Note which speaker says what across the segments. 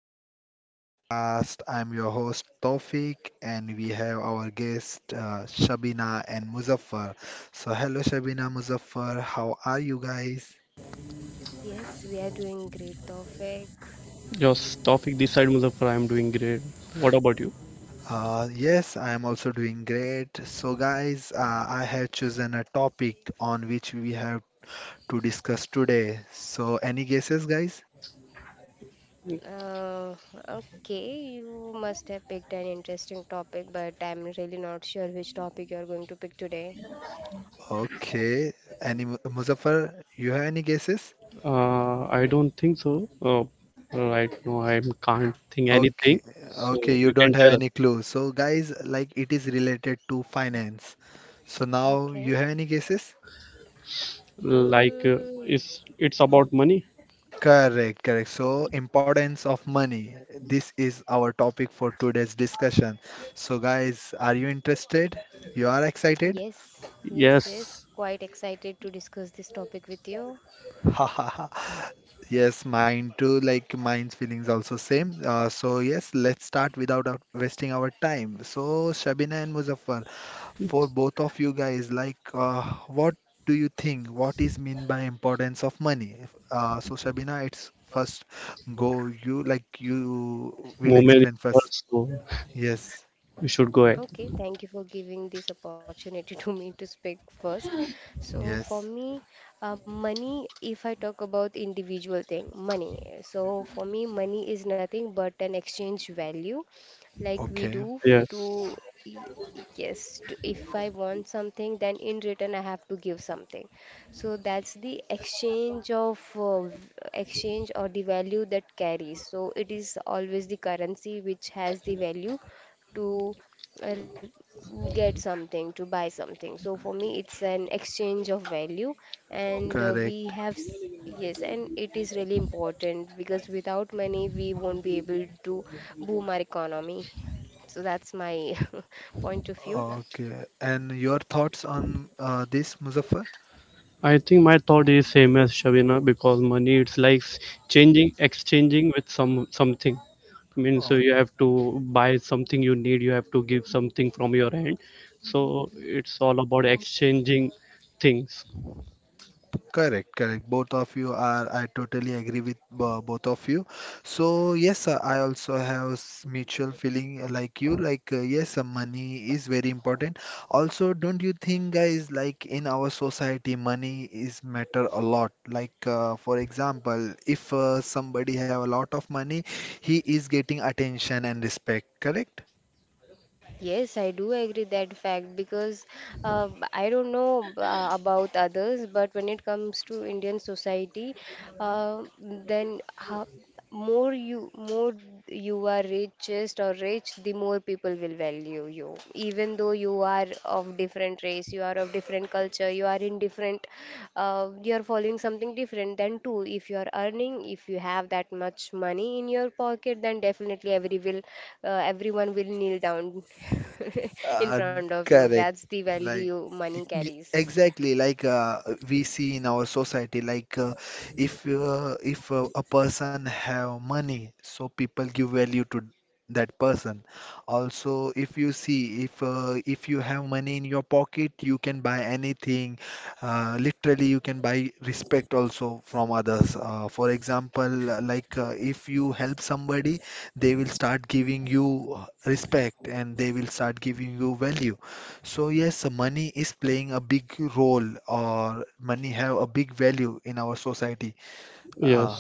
Speaker 1: back to my podcast. I'm your host Tawfiq, and we have our guest Shabina and Muzaffar. So, hello Shabina, Muzaffar, how are you guys?
Speaker 2: Yes, we are doing great topic.
Speaker 1: Yes, I am also doing great. So, guys, I have chosen a topic on which we have to discuss today. So, any guesses, guys?
Speaker 2: Uh, okay, you must have picked an interesting topic, but I'm really not sure which topic you're going to pick today.
Speaker 1: Okay, any Muzaffar, you have any guesses? Okay, okay, you don't have any clue. So, guys, like it is related to finance. So now you
Speaker 2: Okay.
Speaker 1: have any guesses?
Speaker 2: Mm,
Speaker 1: Correct, correct. So, importance of money. This is our topic for today's discussion. So, guys, are you interested? You are excited?
Speaker 2: yes, yes, yes. Quite excited to discuss this topic with you.
Speaker 1: Ha ha ha. Yes, mine too. Like mine's feelings also same. So yes, let's start without wasting our time. So, Shabina and Muzaffar, for both of you guys, like, what do you think, what is mean by importance of money? So Shabina, it's first go, you like, you will explain first. Yes.
Speaker 2: Okay, thank you for giving this opportunity to me to speak first. So for
Speaker 1: Yes.
Speaker 2: me, money, if I talk about individual thing, money. So for me, money is nothing but an exchange value, like we
Speaker 1: Okay.
Speaker 2: do f- to y- yes, to, if I want something, then in return I have to give something. So that's the exchange of exchange or the value that carries. So it is always the currency which has the value to uh, get something to buy something, so for me it's an exchange of value, and
Speaker 1: Correct.
Speaker 2: yes, and it is really important because without money we won't be able to boom our economy, so that's my point of view.
Speaker 1: Okay. And your thoughts on this, Muzaffar? Oh. Correct, correct. Both of you are, I totally agree with both of you. So, yes, I also have mutual feeling like you. Like, yes, money is very important. Also, don't you think, guys, like in our society, money is matter a lot. Like, for example, if somebody have a lot of money, he is getting attention and respect. Correct?
Speaker 2: Yes, I do agree that fact, because I don't know about others, but when it comes to Indian society, uh, then how, more you are richest or rich, the more people will value you. Even though you are of different race, you are different culture, you are following something different. Then too, if you are earning, if you have that much money in your pocket, then definitely everyone will kneel down in
Speaker 1: Uh,
Speaker 2: front of you.
Speaker 1: correct.
Speaker 2: That's the
Speaker 1: Like
Speaker 2: value money carries.
Speaker 1: exactly, like we see in our society. Like if a person have money, so people give value to that person. Also, if you see if you have money in your pocket, you can buy anything. Literally, you can buy respect also from others. For example, like if you help somebody, they will start giving you respect, and they will start giving you value. So yes, money is playing a big role, or money have a big value in our society. Uh,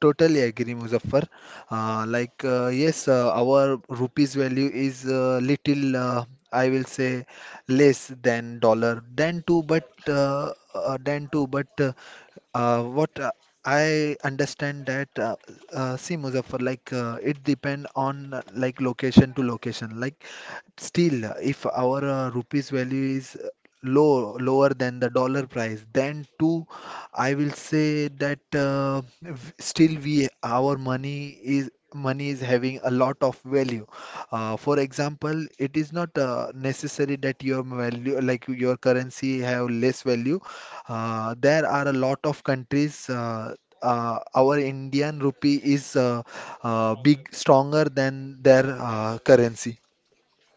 Speaker 1: Totally agree, Muzaffar. Like, yes, our rupees value is little, I will say, less than dollar, than two, but what I understand that see, Muzaffar, like it depend on like location to location. Like, still, if our rupees value is low, lower than the dollar price, then two. I will say that still, we, our money is having a lot of value. For example, it is not necessary that your value, like your currency, have less value. There are a lot of countries. Our Indian rupee is big stronger than their currency.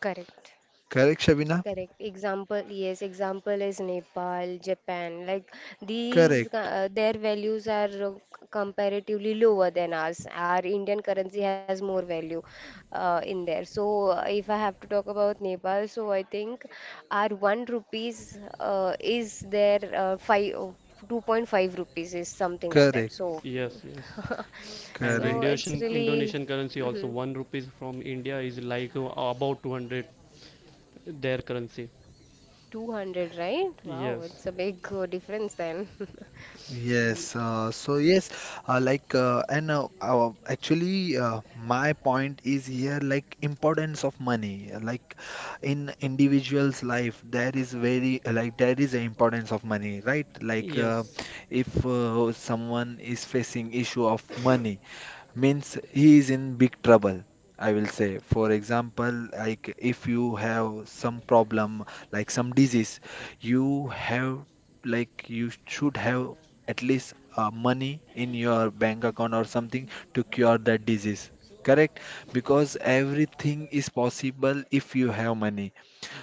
Speaker 2: Correct.
Speaker 1: Correct, Shabina?
Speaker 2: Correct. Example is Nepal, Japan. Like
Speaker 1: Correct.
Speaker 2: their values are comparatively lower than ours. Our Indian currency has more value in there. So, if I have to talk about Nepal, so I think our one rupees is their 2.5 rupees is something like that.
Speaker 1: Correct.
Speaker 2: So, so
Speaker 1: Correct.
Speaker 2: it's really hmm, 200, right? Wow, it's a big difference then.
Speaker 1: Yes, so yes, like and actually my point is here, like importance of money, like in individual's life, there is very, like, there is an importance of money, right? Like if someone is facing issue of money, means he is in big trouble. I will say, for example, like if you have some problem, like some disease, you have, like you should have at least money in your bank account or something to cure that disease. Correct? Because everything is possible if you have money.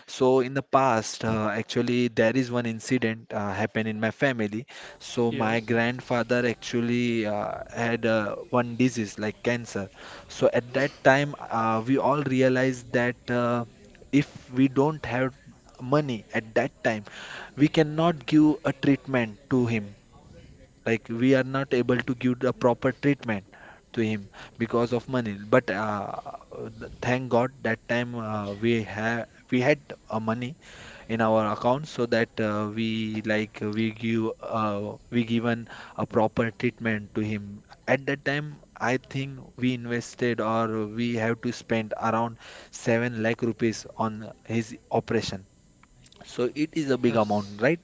Speaker 1: So in the past, actually, there is one incident happened in my family. So my grandfather actually had one disease like cancer. So at that time, we all realized that if we don't have money at that time, we cannot give a treatment to him. Like we are not able to give the proper treatment to him because of money. But thank God, that time we had money in our account, so that we, like, we given a proper treatment to him. At that time, I think we invested, or we have to spend around 7 lakh rupees on his operation. So it is a big amount, right?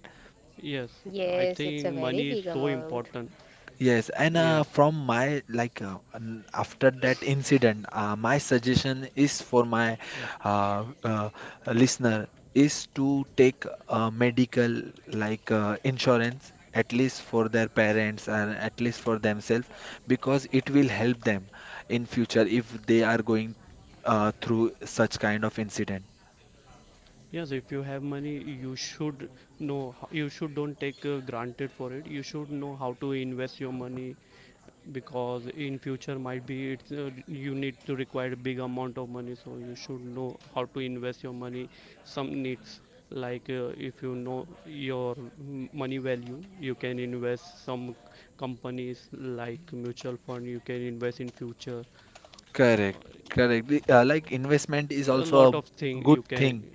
Speaker 2: Yes, it's a very big amount.
Speaker 1: Yes, and from my, like, after that incident, my suggestion is for my uh, uh, listener is to take a medical, like, insurance at least for their parents and at least for themselves, because it will help them in future if they are going through such kind of incident. Correct, correct. Like investment is also a good thing.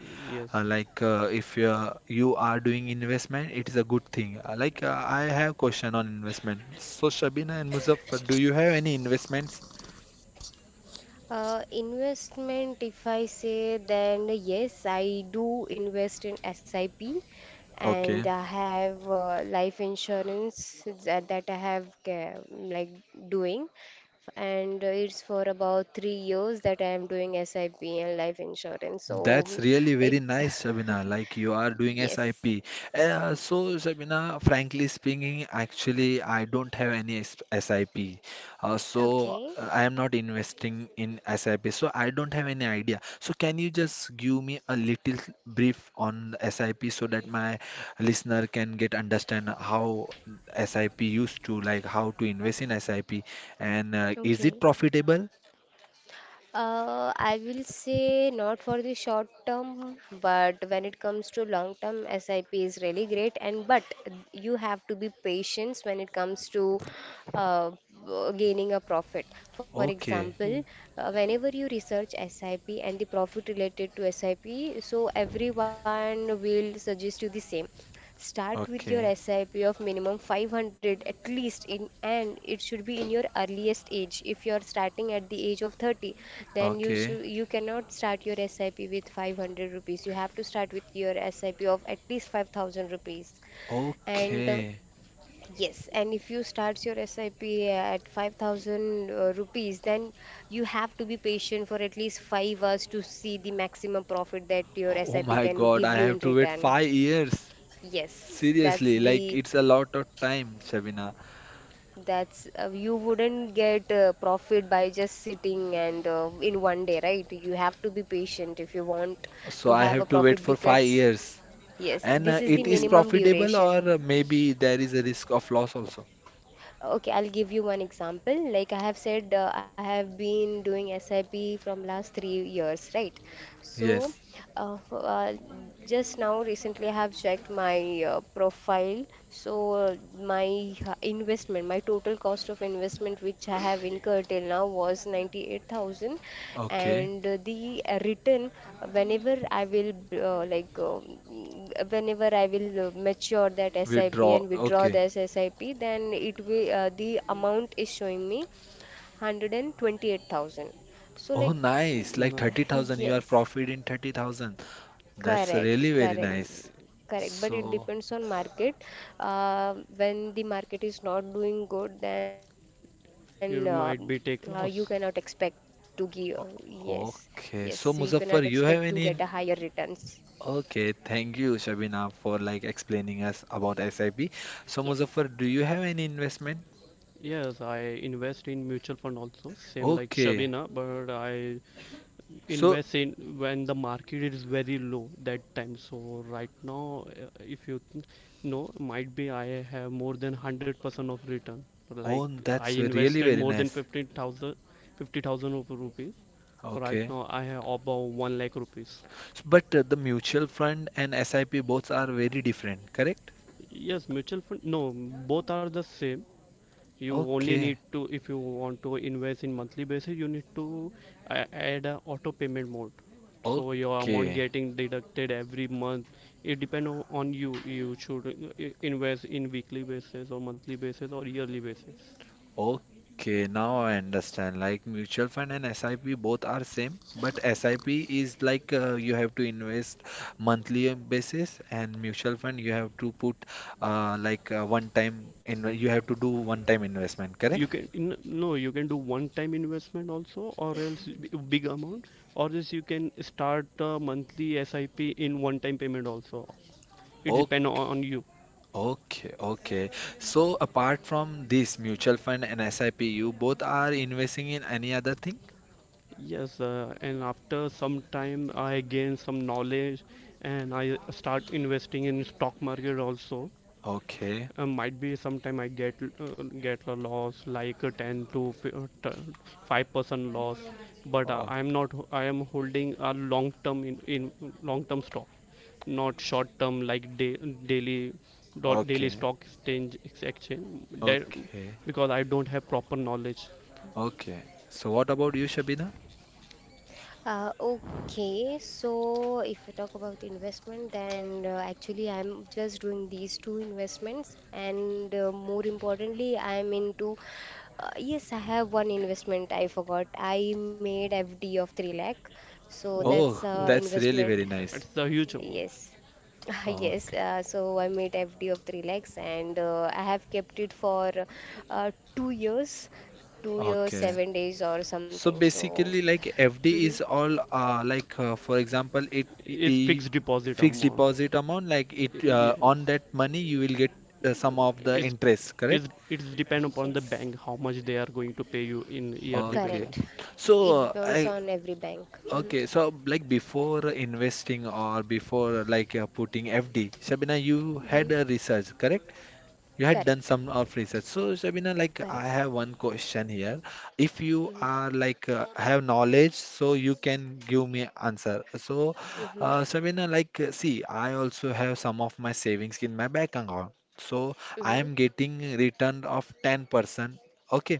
Speaker 1: Like, if you are, you are doing investment, it is a good thing. Like, I have question on investment. So Shabina and Muzaffar, do you have any investments?
Speaker 2: Investment, if I say, then yes, I do invest in SIP, and
Speaker 1: Okay.
Speaker 2: I have life insurance that I have doing, and it's for about 3 years that I am doing SIP and life insurance.
Speaker 1: That's
Speaker 2: So
Speaker 1: really
Speaker 2: it,
Speaker 1: very nice, Shabina. Like you are doing
Speaker 2: yes,
Speaker 1: SIP. So, Shabina, frankly speaking, actually, I don't have any SIP. So,
Speaker 2: okay,
Speaker 1: I am not investing in SIP. So, I don't have any idea. So, can you just give me a little brief on the SIP, so that my listener can get understand how SIP used to, like how to invest in SIP, and is it
Speaker 2: okay.
Speaker 1: profitable?
Speaker 2: I will say not for the short term, but when it comes to long term, SIP is really great. And but you have to be patient when it comes to uh, gaining a profit. For
Speaker 1: Okay,
Speaker 2: example, whenever you research SIP and the profit related to SIP, so everyone will suggest you the same. Start with your
Speaker 1: okay,
Speaker 2: SIP of minimum 500 at least in, and it should be in your earliest age. If you are starting at the age of 30, then
Speaker 1: okay.
Speaker 2: you cannot start your SIP with 500 rupees. You have to start with your SIP of at least 5,000 rupees. And uh,
Speaker 1: Okay.
Speaker 2: yes, and if you start your SIP at 5,000 rupees, then you have to be patient for at least 5 hours to see the maximum profit that your
Speaker 1: Oh
Speaker 2: SIP
Speaker 1: my
Speaker 2: can
Speaker 1: God, I
Speaker 2: give you in
Speaker 1: have to wait
Speaker 2: return.
Speaker 1: 5 years.
Speaker 2: Yes, that's
Speaker 1: Seriously, like
Speaker 2: the
Speaker 1: it's a lot of time, Shabina.
Speaker 2: that's you wouldn't get profit by just sitting and in one day, right? You have to be patient if you want
Speaker 1: So
Speaker 2: to
Speaker 1: I
Speaker 2: have a
Speaker 1: have to wait
Speaker 2: profit,
Speaker 1: for five
Speaker 2: because
Speaker 1: years.
Speaker 2: yes,
Speaker 1: And
Speaker 2: this is the
Speaker 1: it is
Speaker 2: minimum
Speaker 1: profitable, or
Speaker 2: duration.
Speaker 1: maybe there is a risk of loss also.
Speaker 2: Okay, I'll give you one example. Like I have said, I have been doing SIP from last 3 years, right? So,
Speaker 1: Yes.
Speaker 2: uh, f- uh, just now recently I have checked my profile. So, my total cost of investment which I have incurred till now was 98,000,
Speaker 1: Okay.
Speaker 2: and the return, uh, whenever I will uh, like um, whenever I will mature that SIP
Speaker 1: Withdraw.
Speaker 2: and withdraw
Speaker 1: Okay.
Speaker 2: this SIP, then it will the amount is showing me 128,000, so
Speaker 1: Oh,
Speaker 2: like
Speaker 1: nice. Like 30,000, you are
Speaker 2: yes,
Speaker 1: profit in 30,000. That's
Speaker 2: correct,
Speaker 1: really very
Speaker 2: correct.
Speaker 1: nice.
Speaker 2: Correct, but it
Speaker 1: So,
Speaker 2: depends on market. When the market is not doing good, then you cannot expect to give. Yes, yes,
Speaker 1: o-
Speaker 2: you cannot
Speaker 1: okay. So,
Speaker 2: expect to get
Speaker 1: Muzaffar,
Speaker 2: a
Speaker 1: you have
Speaker 2: higher
Speaker 1: any
Speaker 2: returns.
Speaker 1: Okay, thank you, Shabina, for like explaining us about SIP.
Speaker 2: Yes.
Speaker 1: So, Muzaffar, do you have any investment? Okay. So, oh, that's really very nice. Okay. But the mutual fund and SIP both are very different, correct? Okay. Okay. Okay, now I understand. Like mutual fund and SIP both are same, but SIP is like you have to invest monthly basis, and mutual fund you have to put like one time in, you have to do one time investment, correct? Okay. Okay, okay. So apart from this mutual fund and SIP, you both are investing in any other thing? Okay. Oh, okay. Okay. Okay. So what about you, Shabina?
Speaker 2: Okay, so if we talk about investment, then actually I'm just doing these two investments, and more importantly, I'm into yes, I have one investment I forgot. I made FD of 3 lakh, so that's
Speaker 1: Oh, that's really
Speaker 2: investment.
Speaker 1: very nice.
Speaker 2: Yes. Yes,
Speaker 1: Okay.
Speaker 2: so I made FD of 3 lakhs, and I have kept it for uh, two years, two years,
Speaker 1: Okay.
Speaker 2: 7 days or
Speaker 1: So
Speaker 2: something. So,
Speaker 1: basically, like FD
Speaker 2: mhm.
Speaker 1: is all, like, for example, it's fixed deposit. Fixed deposit amount. Like it, on that money, you will get some of the interest, correct?
Speaker 2: Yes,
Speaker 1: Okay.
Speaker 2: correct.
Speaker 1: So
Speaker 2: It depends
Speaker 1: I...
Speaker 2: on every bank. Hmm.
Speaker 1: Okay, so like before investing or before, like, putting FD, Shabina, you
Speaker 2: Hmm.
Speaker 1: had a research, correct? You had done
Speaker 2: Correct,
Speaker 1: some of research. So Shabina, like I
Speaker 2: correct.
Speaker 1: have one question here. If you
Speaker 2: Hmm.
Speaker 1: are, like, have knowledge, so you can give me answer. So
Speaker 2: Hmm.
Speaker 1: Shabina, like, see, I also have some of my savings in my bank account. So I
Speaker 2: Hmm.
Speaker 1: am getting return of 10%. Okay,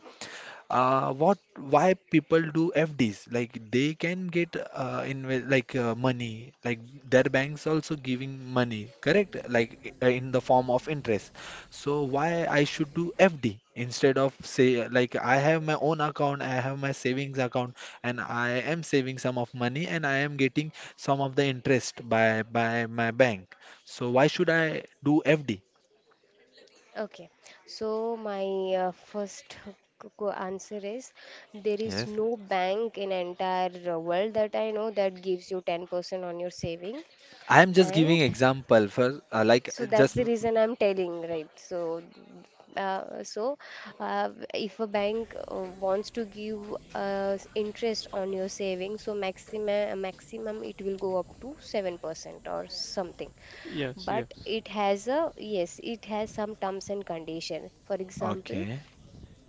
Speaker 1: what, why people do FDs, like they can get inve like money, like their banks also giving money, correct? Like in the form of interest. So why I should do FD instead of, say, like I have my own account, I have my savings account, and I am saving some of money, and I am getting some of the interest by my bank. So why should I do FD?
Speaker 2: Okay. So my first answer is there is
Speaker 1: Yes.
Speaker 2: no bank in entire world that I know that gives you 10% on your saving,
Speaker 1: I am just
Speaker 2: and
Speaker 1: giving example for like,
Speaker 2: so that's
Speaker 1: just
Speaker 2: the reason I'm telling, right? So, if a bank wants to give interest on your savings, so maximum it will go up to 7% or something. But it has a yes, it has some terms and condition. For example,
Speaker 1: okay.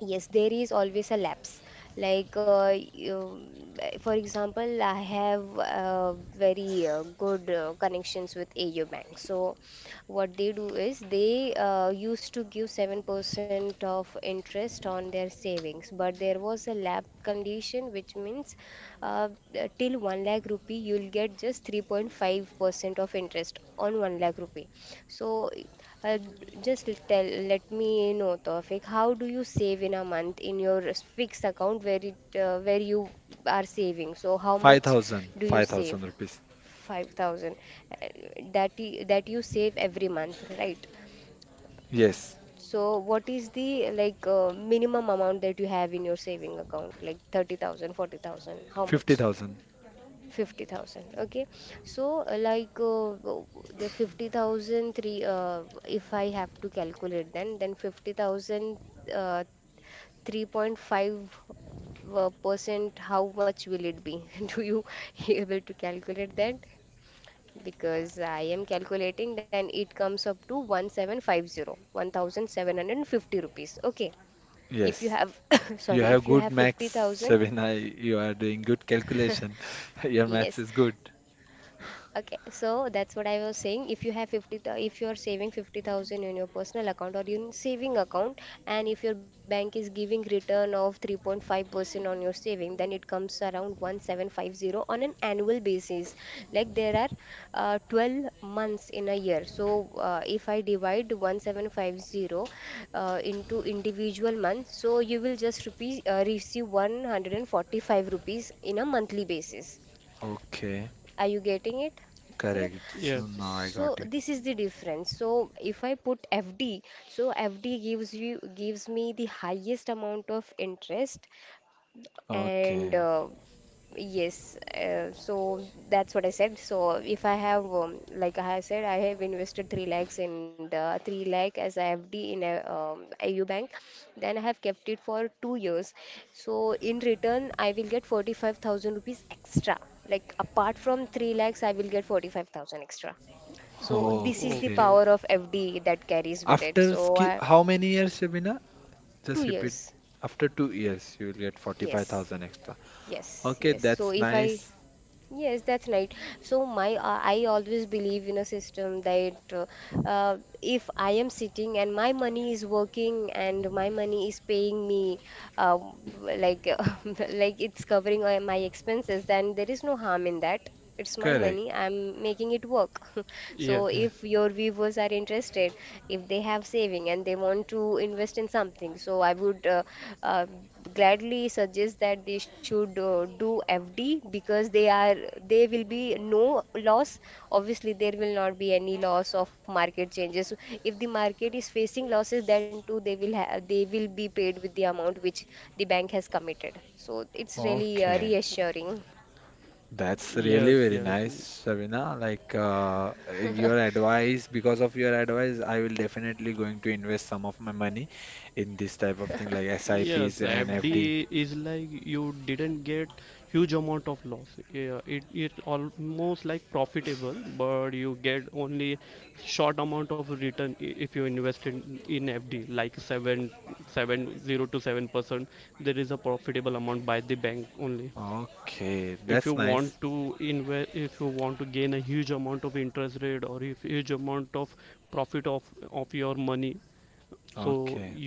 Speaker 2: yes, there is always a lapse. For example, I have very good connections with AU Bank. So, what they do is they used to give 7% of interest on their savings, but there was a lap condition, which means uh, till 1 lakh rupee, you'll get just 3.5% of interest on 1 lakh rupee. So, uh, just tell, let me know, Tawfiq, how do you save in a month in your fixed account where you are saving? So, how much
Speaker 1: 5,000,
Speaker 2: do you save?
Speaker 1: 5,000 rupees.
Speaker 2: 5,000. Uh, that y- that you save every month, right?
Speaker 1: Yes.
Speaker 2: So, what is the minimum amount that you have in your saving account? Like 30,000, 40,000? How much?
Speaker 1: 50,000.
Speaker 2: 50,000. Okay. So the fifty thousand three. If I have to calculate, then 50,000 uh, 3.5 percent, how much will it be? Do you able to calculate that? Because I am calculating, then it comes up to 1750 rupees. Okay. If you
Speaker 1: Yes.
Speaker 2: have
Speaker 1: You
Speaker 2: sorry,
Speaker 1: have
Speaker 2: if you
Speaker 1: good
Speaker 2: have
Speaker 1: maths,
Speaker 2: 50,000.
Speaker 1: Shabina. You are doing good calculation. Your maths
Speaker 2: Yes.
Speaker 1: is good.
Speaker 2: Okay, so that's what I was saying. If you have if you are saving 50,000 in your personal account or in saving account, and if your bank is giving return of 3.5% on your saving, then it comes around 1750 on an annual basis. Like there are 12 months in a year. So if I divide 1750 into individual months, so you will just receive 145 rupees in a monthly basis.
Speaker 1: Okay.
Speaker 2: Are you getting it? Okay.
Speaker 1: Correct. So now I
Speaker 2: So
Speaker 1: got it.
Speaker 2: this is the difference. So if I put FD, so FD gives me the highest amount of interest, and
Speaker 1: Okay.
Speaker 2: yes, so that's what I said. So if I have, like I said, I have invested 3 lakhs in the 3 lakh as IFD in a IU bank, then I have kept it for 2 years. So in return, I will get 45,000 rupees extra. Like apart from 3 lakhs, I will get 45,000 extra. So this is the
Speaker 1: Okay.
Speaker 2: power of FD that carries with it.
Speaker 1: After
Speaker 2: So
Speaker 1: ski,
Speaker 2: I,
Speaker 1: how many years, Shabina?
Speaker 2: two
Speaker 1: Just repeat.
Speaker 2: years.
Speaker 1: After 2 years, you will get
Speaker 2: Yes,
Speaker 1: 45,000 extra.
Speaker 2: yes,
Speaker 1: Okay,
Speaker 2: yes. So
Speaker 1: that's
Speaker 2: if I
Speaker 1: nice.
Speaker 2: Yes, that's right. So my I always believe in a system that if I am sitting and my money is working, and my money is paying me uh, like like it's covering my expenses, then there is no harm in that. It's my
Speaker 1: Correct.
Speaker 2: money. I'm making it work. So
Speaker 1: Yeah.
Speaker 2: if your viewers are interested, if they have saving and they want to invest in something, so I would uh, gladly suggest that they should do FD, because they will be no loss. Obviously, there will not be any loss of market changes. If the market is facing losses, then too they will be paid with the amount which the bank has committed. So it's really
Speaker 1: Okay.
Speaker 2: reassuring.
Speaker 1: That's really very
Speaker 2: Yes.
Speaker 1: nice, Sabina. Like, your advice, because of your advice, I will definitely going to invest some of my money in this type of thing like SIPs and FD. Okay, that's nice. Okay.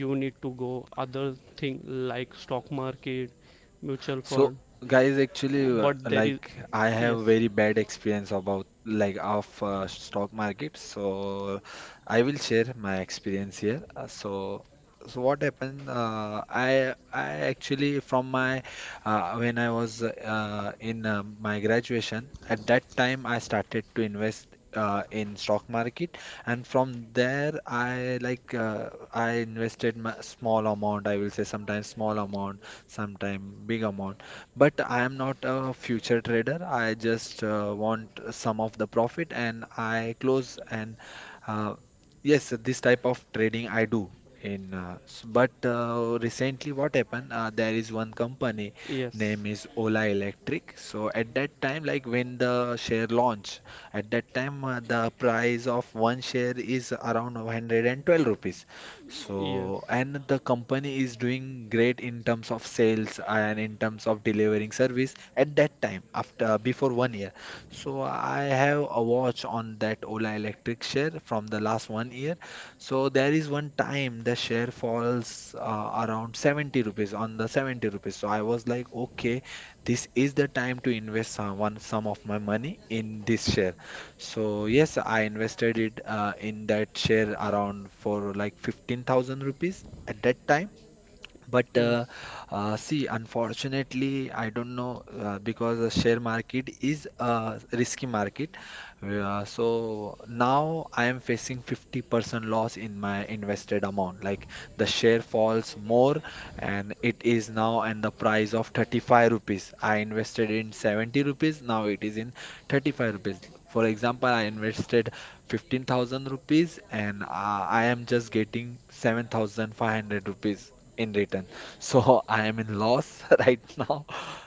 Speaker 1: So, guys, actually, like I have very bad experience about, like, of stock market. So, I will share my experience here. So what happened? I actually from my, when I was in my graduation, at that time I started to invest in stock market. And from there I, like, I invested my small amount. I will say sometimes small amount, sometime big amount. But I am not a future trader. I just want some of the profit and I close, and uh, yes, this type of trading I do. But recently, what happened? There is one company, name is Ola Electric. So at that time, like when the share launch, at that time the price of one share is around 112 rupees. So, and the company is doing great in terms of sales and in terms of delivering service at that time after before one year. So, I have a watch on that Ola Electric share from the last one year. So, there is one time the share falls around 70 rupees on the 70 rupees. So, I was like, okay, this is the time to invest some of my money in this share. So yes, I invested it in that share around for like 15,000 rupees at that time. But see, unfortunately, I don't know because the share market is a risky market. So now I am facing 50% loss in my invested amount. Like the share falls more, and it is now and the price of 35 rupees. I invested in 70 rupees, now it is in 35 rupees. For example, I invested 15,000 rupees and I am just getting 7,500 rupees in return. So I am in loss right now.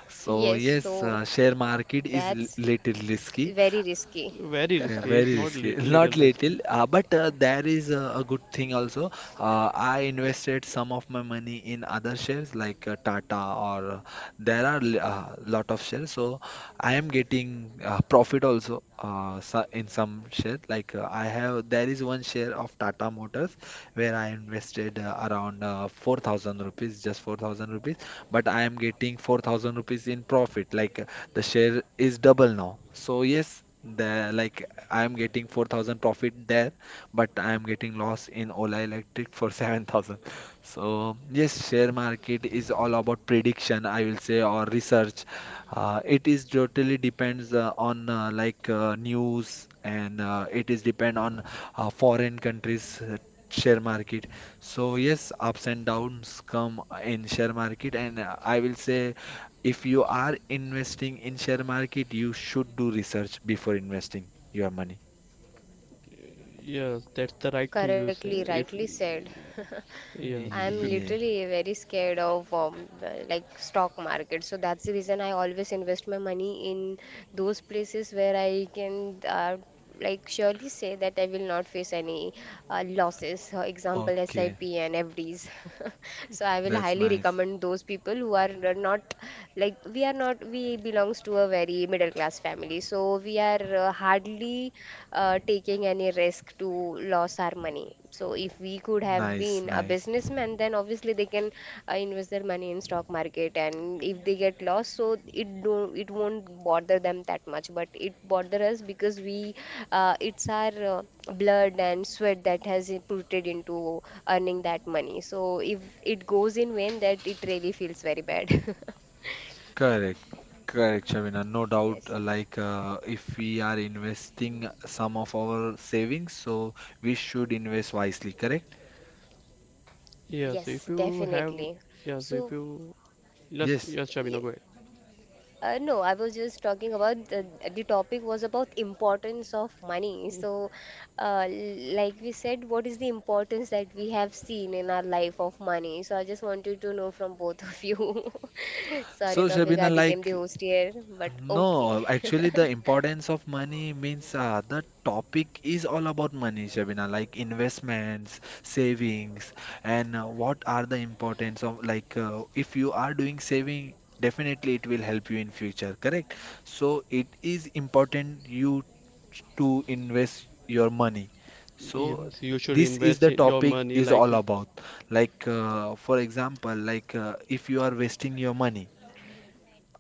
Speaker 1: So
Speaker 2: Yes,
Speaker 1: yes,
Speaker 2: so
Speaker 1: share market is
Speaker 2: that's
Speaker 1: little risky.
Speaker 2: very risky.
Speaker 1: Okay, very risky. Not little, but there is a good thing also. I invested some of my money in other shares like Tata or there are lot of shares. So I am getting profit also, so in some share. Like there is one share of Tata Motors where I invested around 4,000 rupees, just 4,000 rupees. But I am getting 4,000 rupees in profit. Like the share is double now. So yes, the like I'm getting 4,000 profit there, but I'm getting loss in Ola Electric for 7,000. So yes, share market is all about prediction, I will say, or research. It is totally depends on, like, news, and it is depend on foreign countries' share market. So yes, ups and downs come in share market, and I will say if you are investing in share market, you should do research before investing your money.
Speaker 2: Correctly, rightly said. I'm
Speaker 1: Yeah,
Speaker 2: literally very scared of stock market. So that's the reason I always invest my money in those places where I can surely say that I will not face any losses. For example, SIP
Speaker 1: okay,
Speaker 2: and FDs. So I will
Speaker 1: that's
Speaker 2: highly
Speaker 1: nice,
Speaker 2: recommend those people who are not, like, we are not we belongs to a very middle class family. So we are hardly taking any risk to lose our money. So if we could have
Speaker 1: nice,
Speaker 2: been a
Speaker 1: nice.
Speaker 2: businessman, then obviously they can invest their money in stock market, and if they get lost, so it won't bother them that much. But it bother us because we it's our blood and sweat that has inputted into earning that money. So if it goes in vain, that it really feels very bad.
Speaker 1: Correct, correct, Shabina. No
Speaker 2: Yes.
Speaker 1: doubt, like, if we are investing some of our savings, so we should invest wisely, correct?
Speaker 2: Yes, definitely. So,
Speaker 1: Yes.
Speaker 2: yes. No, I was just talking about the topic was about importance of money. So, like we said, what is the importance that we have seen in our life of money? So I just wanted to know from both of you. Sorry,
Speaker 1: So,
Speaker 2: Tawfiq, I
Speaker 1: Shabina,
Speaker 2: became the
Speaker 1: like,
Speaker 2: host here, but okay.
Speaker 1: no, actually, the importance of money means, the topic is all about money, Shabina, like investments, savings, and, what are the importance of, like, if you are doing saving, definitely it will help you in future, correct? So it is important you to invest your money. So this is the topic is all about. Like, for example, like, if you are wasting your money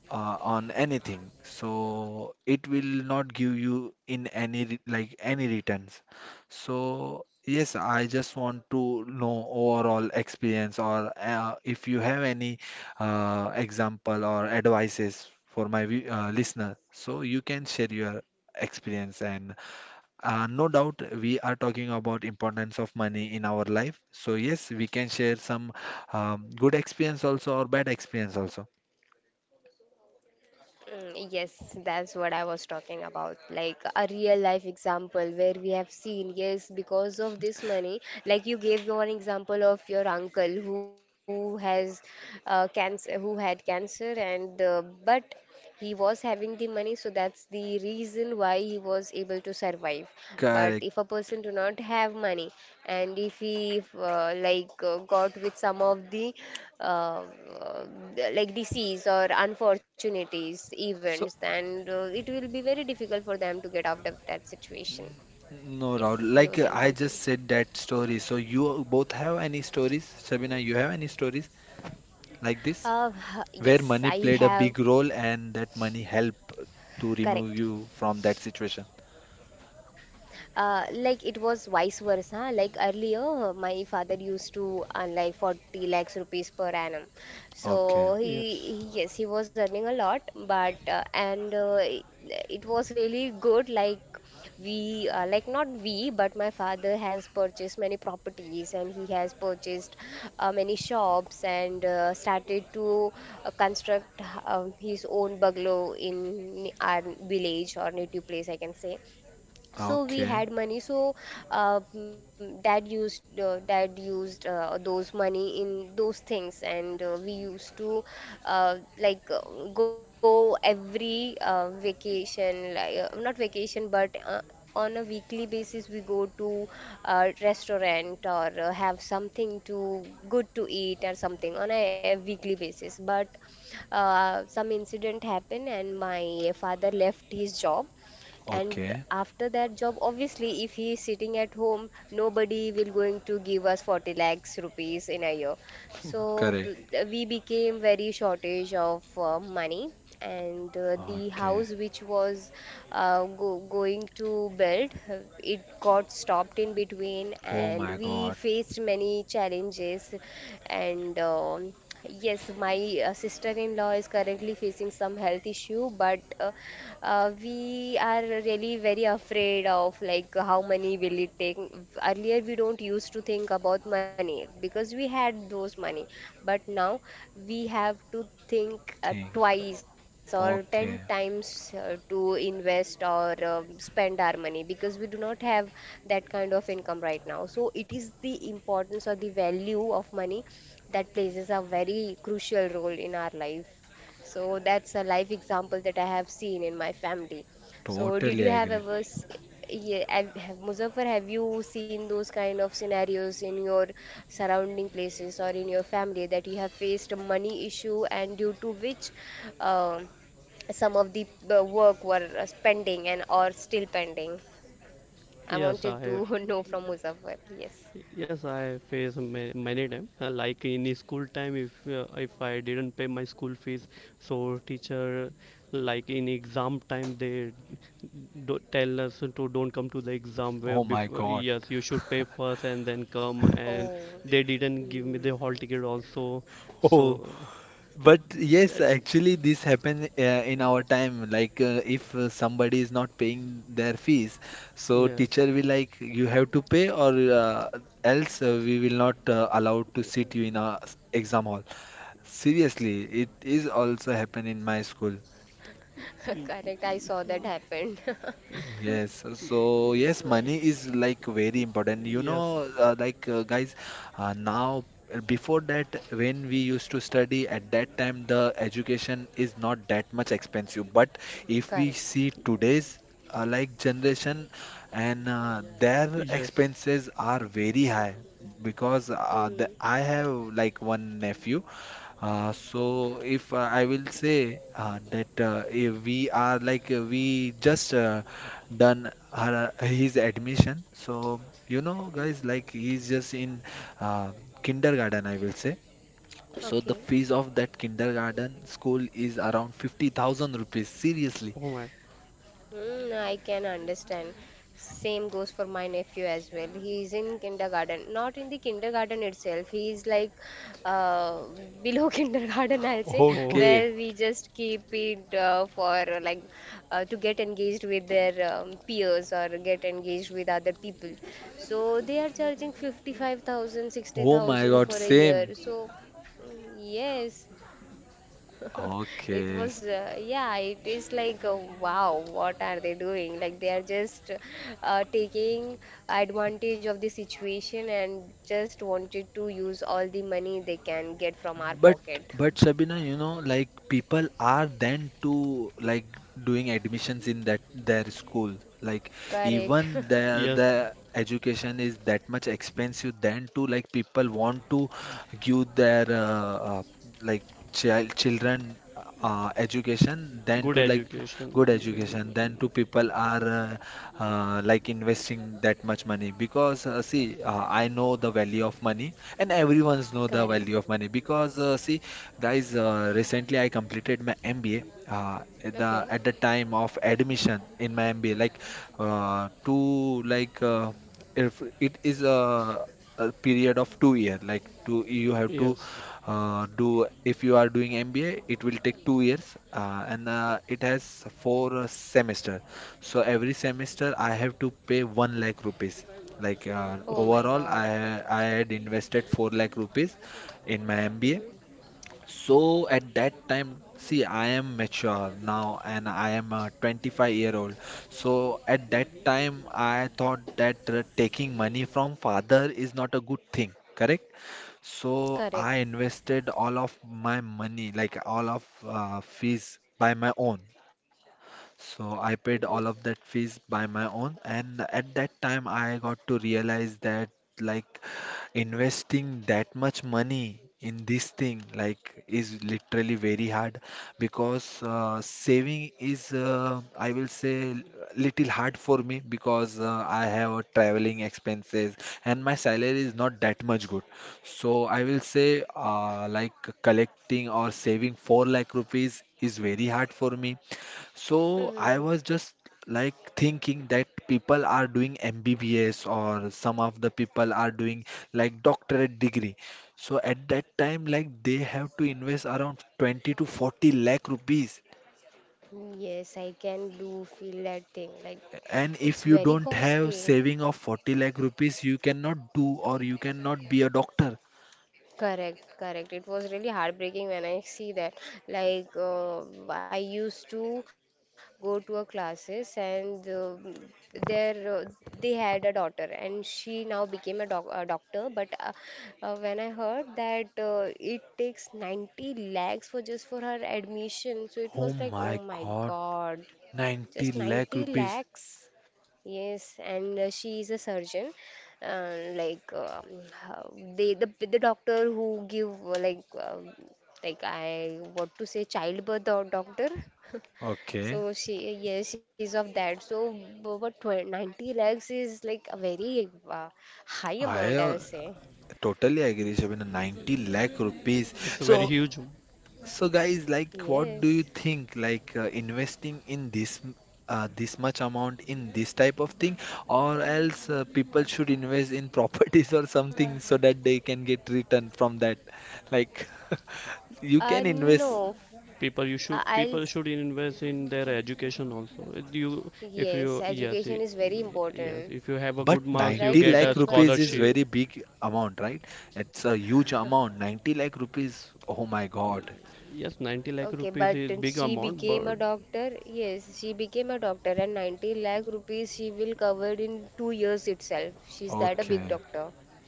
Speaker 1: on anything, so it will not give you in any like any returns. So yes, I just want to know overall experience, or if you have any example or advices for my listener, so you can share your experience, and no doubt we are talking about importance of money in our life, so yes, we can share some good experience also or bad experience also,
Speaker 2: Mm, yes, that's what I was talking about. Like a real life example where we have seen, yes, because of this money, like you gave one example of your uncle who has cancer, who had cancer, and but he was having the money, so that's the reason why he was able to survive. But
Speaker 1: correct,
Speaker 2: if a person do not have money and if he like got with some of the uh, uh, like disease or unfortunities events,
Speaker 1: so,
Speaker 2: then it will be very difficult for them to get out of that situation.
Speaker 1: mm, no, no.
Speaker 2: Yes, you were
Speaker 1: Like,
Speaker 2: saying
Speaker 1: I
Speaker 2: something.
Speaker 1: just said that story. So you both have any stories, Sabina? You have any stories like this
Speaker 2: Uh,
Speaker 1: where
Speaker 2: yes,
Speaker 1: money
Speaker 2: I
Speaker 1: played a
Speaker 2: have
Speaker 1: big role and that money helped to
Speaker 2: correct.
Speaker 1: remove you from that situation?
Speaker 2: Like it was vice versa. Like earlier, my father used to earn like 40 lakhs rupees per annum. So
Speaker 1: Okay,
Speaker 2: yes, he was earning a lot, but and it was really good. Like we, like not we, but my father has purchased many properties and he has purchased many shops and started to construct his own bungalow in our village or native place, I can say so we
Speaker 1: okay,
Speaker 2: had money, so dad used those money in those things, and we used to like go every vacation, like not vacation but on a weekly basis, we go to a restaurant or have something to good to eat or something on a weekly basis. But some incident happened, and my father left his job, and
Speaker 1: okay.
Speaker 2: after that job obviously if he is sitting at home nobody will going to give us 40 lakhs rupees in a year. So
Speaker 1: Correct.
Speaker 2: we became very shortage of money, and the
Speaker 1: Okay.
Speaker 2: house which was go going to build, it got stopped in between,
Speaker 1: Oh
Speaker 2: and
Speaker 1: my
Speaker 2: we
Speaker 1: God.
Speaker 2: faced many challenges. And yes, my sister-in-law is currently facing some health issue, but we are really very afraid of like how money will it take. Earlier, we don't used to think about money because we had those money, but now we have to think
Speaker 1: Think.
Speaker 2: twice or 10
Speaker 1: Okay.
Speaker 2: times to invest or spend our money because we do not have that kind of income right now. So it is the importance or the value of money that plays a very crucial role in our life. So that's a life example that I have seen in my family. So
Speaker 1: Totally
Speaker 2: did you have
Speaker 1: agree.
Speaker 2: ever, yeah, have, Muzaffar, have you seen those kind of scenarios in your surrounding places or in your family, that you have faced a money issue and due to which uh, some of the work were pending and or still pending? I wanted to know from Muzaffar. Yes.
Speaker 1: Oh my God.
Speaker 2: Oh.
Speaker 1: Oh, but yes, actually, this happened in our time. Like, if somebody is not paying their fees, so teacher will like, you have to pay, or else we will not allow to sit you in a exam hall. Seriously, it is also happen in my school.
Speaker 2: Correct, I saw that happened.
Speaker 1: Yes, so yes,
Speaker 2: Is, uh,
Speaker 1: money is like very important. You know, like, guys, now, before that, when we used to study at that time, the education is not that much expensive. But if we
Speaker 2: Correct.
Speaker 1: see today's like generation, and their expenses are very high, because
Speaker 2: Hmm.
Speaker 1: I have like one nephew. So if, I will say, that, if we are, like, we just done her, his admission, so, you know guys, like he's just in uh, kindergarten, I will say. So the
Speaker 2: Okay.
Speaker 1: fees of that kindergarten school is around 50,000 rupees, seriously.
Speaker 2: Hmm, I can understand. Same goes for my nephew as well. He is in kindergarten, not in the kindergarten itself. He is like uh, below kindergarten, I'll say,
Speaker 1: Okay.
Speaker 2: where we just keep it for like to get engaged with their peers or get engaged with other people. So they are charging 55,000, sixty
Speaker 1: Oh my
Speaker 2: thousand
Speaker 1: God,
Speaker 2: for a
Speaker 1: same.
Speaker 2: year. So mm, yes. It
Speaker 1: Okay.
Speaker 2: was, yeah, it is like, wow, what are they doing? Like, they are just taking advantage of the situation and just wanted to use all the money they can get from our
Speaker 1: But
Speaker 2: pocket.
Speaker 1: but Sabina, you know, like people are then to like doing admissions in that their school. Like
Speaker 2: Correct.
Speaker 1: even the education is that much expensive, then to like people want to give their like children education, then to like good education, then to people are like investing that much money, because see, I know the value of money and everyone's know the
Speaker 2: Correct.
Speaker 1: value of money, because see, guys, recently I completed my MBA. uh, at the
Speaker 2: Okay.
Speaker 1: at the time of admission in my MBA, like, two, like, if it is a period of 2 year, like two you have to do, if you are doing MBA it will take 2 years, and it has four semester. So every semester I have to pay 1 lakh rupees, like,
Speaker 2: Oh my
Speaker 1: overall,
Speaker 2: God.
Speaker 1: I had invested 4 lakh rupees in my MBA.
Speaker 2: Mhm.
Speaker 1: So at that time, see, I am mature now and I am a 25-year-old. So at that time, I thought that taking money from father is not a good thing, correct? So
Speaker 2: Correct.
Speaker 1: I invested all of my money, like all of fees by my own. So I
Speaker 2: Mhm.
Speaker 1: paid all of that fees by my own, and at that time I got to realize that, like, investing that much money in this thing, like, is literally very hard, because saving is, I will say, little hard for me, because I have a traveling expenses and my salary is not that much good. So I will say, like collecting or saving 4 lakh rupees is very hard for me, so I
Speaker 2: Mhm.
Speaker 1: was just like thinking that people are doing MBBS or some of the people are doing like doctorate degree. So at that time, like they have to invest around 20 to 40 lakh rupees.
Speaker 2: Yes, I can do feel that thing. Like,
Speaker 1: And
Speaker 2: it's
Speaker 1: if you
Speaker 2: very
Speaker 1: don't have
Speaker 2: costly.
Speaker 1: saving of 40 lakh rupees, you cannot do or you cannot be a doctor.
Speaker 2: Correct, correct. It was really heartbreaking when I see that. Like, I used to go to a classes, and there they had a daughter and she now became a doctor. But when I heard that it takes 90 lakhs for just for her admission, so it
Speaker 1: Oh
Speaker 2: was like, oh
Speaker 1: my
Speaker 2: my
Speaker 1: God,
Speaker 2: God,
Speaker 1: 90
Speaker 2: just
Speaker 1: lakh
Speaker 2: 90
Speaker 1: rupees.
Speaker 2: lakhs. Yes, and she is a surgeon. Like they the doctor who give like I what to say childbirth or doctor. So
Speaker 1: Okay,
Speaker 2: she, yes, she's of that. So bu- but tw 90 lakhs is like a very high
Speaker 1: I
Speaker 2: amount, I'll say.
Speaker 1: totally agree, Shabina. 90 lakh rupees. So So guys, like what do you
Speaker 2: Yes.
Speaker 1: think, like investing in this this much amount in this type of thing, or else people should invest in properties or something, so that they can get return from that. Like you can invest,
Speaker 2: No, I'll yes, education is very important,
Speaker 1: but
Speaker 2: right,
Speaker 1: 90 lakh
Speaker 2: Muzaffar?
Speaker 1: rupees is
Speaker 2: Hmm.
Speaker 1: very big amount, right? It's a huge amount. 90 lakh rupees. Oh my God.
Speaker 2: Okay, but she became a doctor. Yes, she became a doctor, and 90 lakh rupees she will covered in 2 years itself. She's that a big
Speaker 1: Okay,
Speaker 2: doctor.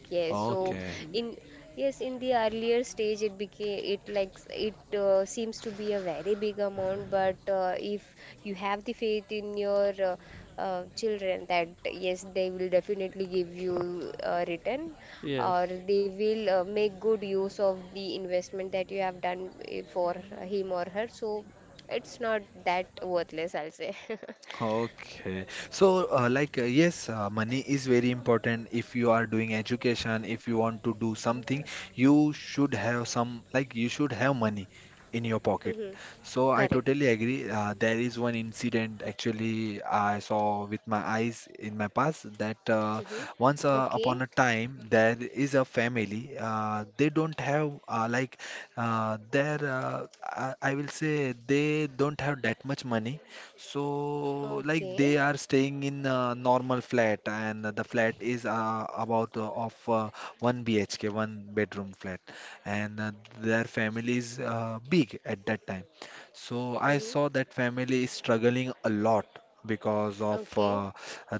Speaker 2: Yes, so
Speaker 1: okay.
Speaker 2: in, yes, in the earlier stage, it became it like it seems to be a very big amount. But if you have the faith in your children that yes, they will definitely give you a return, or they will make good use of the investment that you have done for him or her. So it's not that worthless, I'll say.
Speaker 1: Okay. So, like, yes, money is very important. If you are doing education, if you want to do something, you should have some, like, you should have money in your pocket.
Speaker 2: Hmm.
Speaker 1: So, I
Speaker 2: Correct.
Speaker 1: totally agree. There is one incident actually I saw with my eyes in my past, that
Speaker 2: Hmm.
Speaker 1: once
Speaker 2: Okay.
Speaker 1: upon a time there is a family. They don't have, like, their, I will say, they don't have that much money, so, like, they
Speaker 2: Okay.
Speaker 1: are staying in a normal flat, and the flat is about, of, one BHK, one bedroom flat, and their family is big at that time. So I
Speaker 2: Hmm.
Speaker 1: saw that family is struggling a lot because of
Speaker 2: Okay.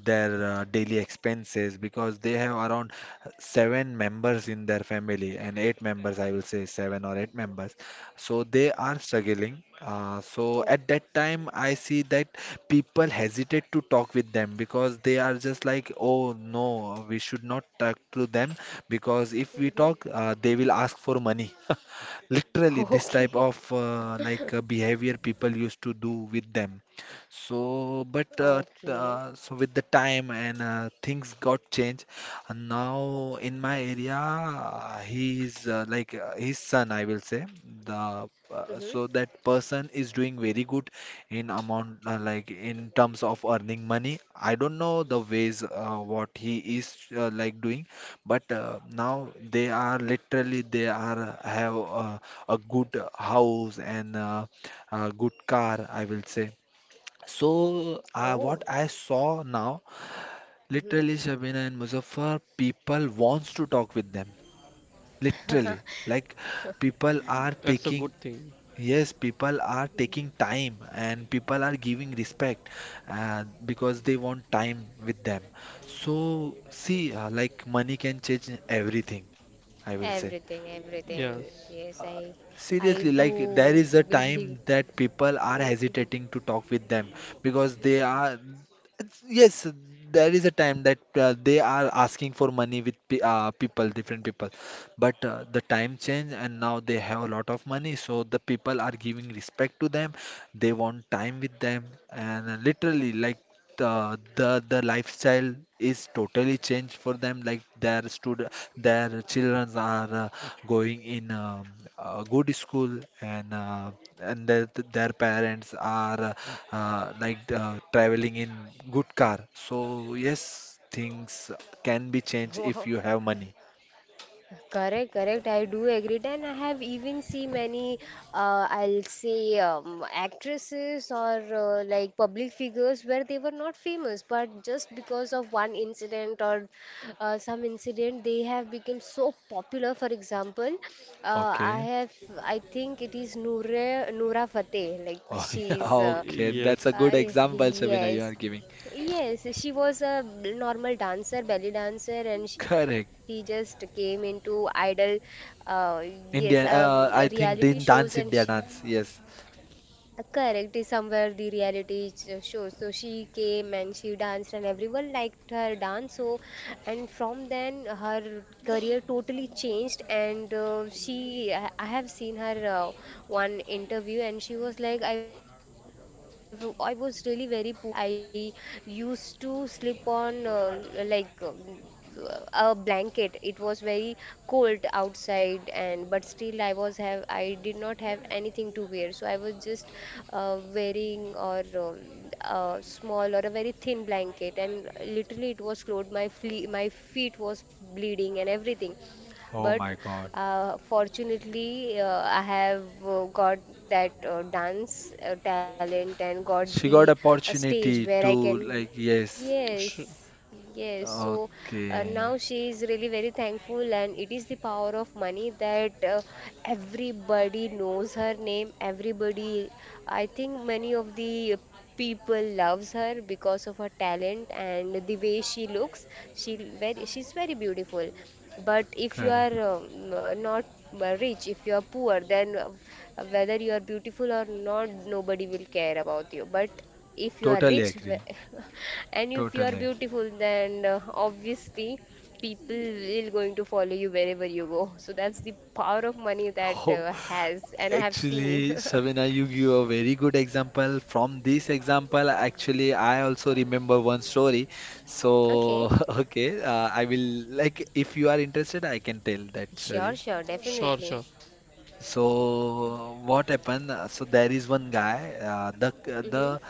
Speaker 1: their daily expenses, because they have around seven members in their family and eight members, I will say seven or eight members, so they are struggling, so
Speaker 2: Oh.
Speaker 1: at that time I see that people hesitate to talk with them, because they are just like, oh no, we should not talk to them, because if we
Speaker 2: Mhm.
Speaker 1: talk they will ask for money. Literally this type
Speaker 2: Okay.
Speaker 1: of like behavior people used to do with them. So but
Speaker 2: Okay.
Speaker 1: so with the time, and things got changed, and now in my area, he is, like, his son, I will say. The
Speaker 2: Mhm.
Speaker 1: so that person is doing very good in amount, like in terms of earning money. I don't know the ways what he is like doing, but now they are literally they are have a good house and a good car, I will say. So, what
Speaker 2: Oh.
Speaker 1: I saw now.
Speaker 2: Mhm.
Speaker 1: Literally, Shabina and Muzaffar, people wants to talk with them. Literally, like people are taking, yes, people are
Speaker 2: Mhm.
Speaker 1: taking time and people are giving respect, because they want time with them. So see, like money can change everything, I will say.
Speaker 2: Everything, everything. Yes,
Speaker 1: Uh,
Speaker 2: I
Speaker 1: seriously, like there
Speaker 2: do
Speaker 1: is a
Speaker 2: believe.
Speaker 1: time that people are
Speaker 2: Mhm.
Speaker 1: hesitating to talk with them, because they are. It's, yes, there is a time that they are asking for money with pe people, different people. But the time change and now they have a lot of money, so the people are giving respect to them. They want time with them, and literally, like the lifestyle is totally changed for them. Like their children are going in a good school and and their parents are traveling in good car. So yes, things can be changed if
Speaker 2: Wow.
Speaker 1: you have money.
Speaker 2: Correct, correct. I do agree, and I have even seen many, I'll say, actresses or like public figures where they were not famous, but just because of one incident or some incident, they have become so popular. For example, I
Speaker 1: Okay.
Speaker 2: have, I think it is Noura Fateh. Like
Speaker 1: Oh, yeah,
Speaker 2: she's,
Speaker 1: okay. That's a
Speaker 2: I,
Speaker 1: good example,
Speaker 2: yes.
Speaker 1: Shabina, you are giving.
Speaker 2: Yes, she was a normal dancer, belly dancer, and she
Speaker 1: Correct.
Speaker 2: just came into idol, uh, yes,
Speaker 1: Indian, I
Speaker 2: reality
Speaker 1: think
Speaker 2: shows, and
Speaker 1: Dance
Speaker 2: she,
Speaker 1: India Dance. Yes.
Speaker 2: correct, is somewhere the reality show. So she came and she danced, and everyone liked her dance. So, and from then her career totally changed. And she, I have seen her one interview, and she was like, "I was really very poor. I used to sleep on like." A blanket. It was very cold outside, and but still I was have I did not have anything to wear. So I was just wearing or a small or a very thin blanket, and literally it was cold. My feet was bleeding and everything,
Speaker 1: Oh
Speaker 2: but
Speaker 1: my God.
Speaker 2: fortunately I have got that dance talent and got
Speaker 1: She
Speaker 2: the
Speaker 1: got
Speaker 2: stage where
Speaker 1: opportunity
Speaker 2: I can.
Speaker 1: to like, yes.
Speaker 2: Yes, yes. So now
Speaker 1: Okay.
Speaker 2: she is really very thankful, and it is the power of money that everybody knows her name. Everybody, I think many of the people loves her because of her talent and the way she looks. She's very beautiful. But if you are
Speaker 1: Correct.
Speaker 2: not rich, if you are poor, then whether you are beautiful or not, nobody will care about you. But if you are
Speaker 1: Totally
Speaker 2: rich,
Speaker 1: agree.
Speaker 2: and if you are
Speaker 1: Totally agree.
Speaker 2: beautiful, then obviously people will going to follow you wherever you go, so that's the power of money that
Speaker 1: Oh,
Speaker 2: has, and I have seen.
Speaker 1: actually, Shavina, you give a very good example. From this example, actually, I also remember one story.
Speaker 2: Okay,
Speaker 1: So, okay, I will, like, if you are interested, I can tell that
Speaker 2: sure,
Speaker 1: story.
Speaker 2: sure, definitely.
Speaker 1: So what happened? So there is one guy. The
Speaker 2: Mm-hmm.
Speaker 1: the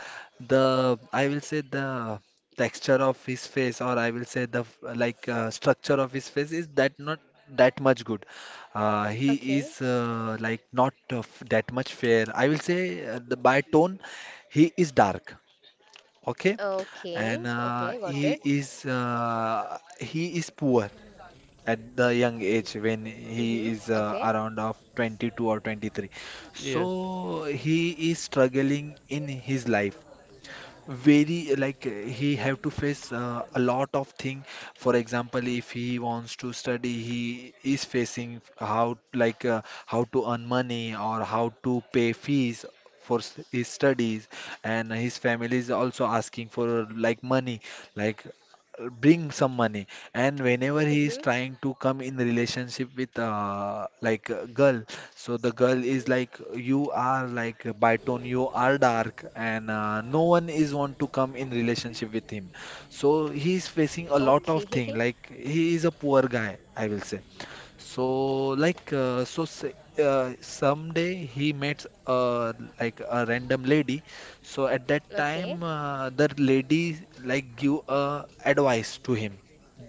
Speaker 1: the I will say the texture of his face, or I will say the like structure of his face is that not that much good. He
Speaker 2: Okay,
Speaker 1: is like not that much fair. I will say the, by tone, he is dark. Okay,
Speaker 2: okay,
Speaker 1: and
Speaker 2: okay, got it.
Speaker 1: he is poor at the young
Speaker 2: Mm-hmm.
Speaker 1: age when
Speaker 2: Okay.
Speaker 1: he is around of 22 or 23, so he is struggling in his life very, like, he
Speaker 2: Mm-hmm.
Speaker 1: have to face a lot of thing. For example, if he wants to study, he is facing how, like, how to earn money or how to pay fees for his studies, and his family is also asking for, like, money, like, bring some money. And whenever he
Speaker 2: Mm-hmm.
Speaker 1: is trying to come in relationship with like a girl, so the girl is
Speaker 2: Mm-hmm.
Speaker 1: like, you are like by tone you are dark, and no one is want to come in relationship with him. So he is facing a lot
Speaker 2: Okay.
Speaker 1: of thing, like he is a poor guy, I will say. So, like, so say, someday he met like a random lady. So at that
Speaker 2: Okay.
Speaker 1: time, the lady like give a advice to him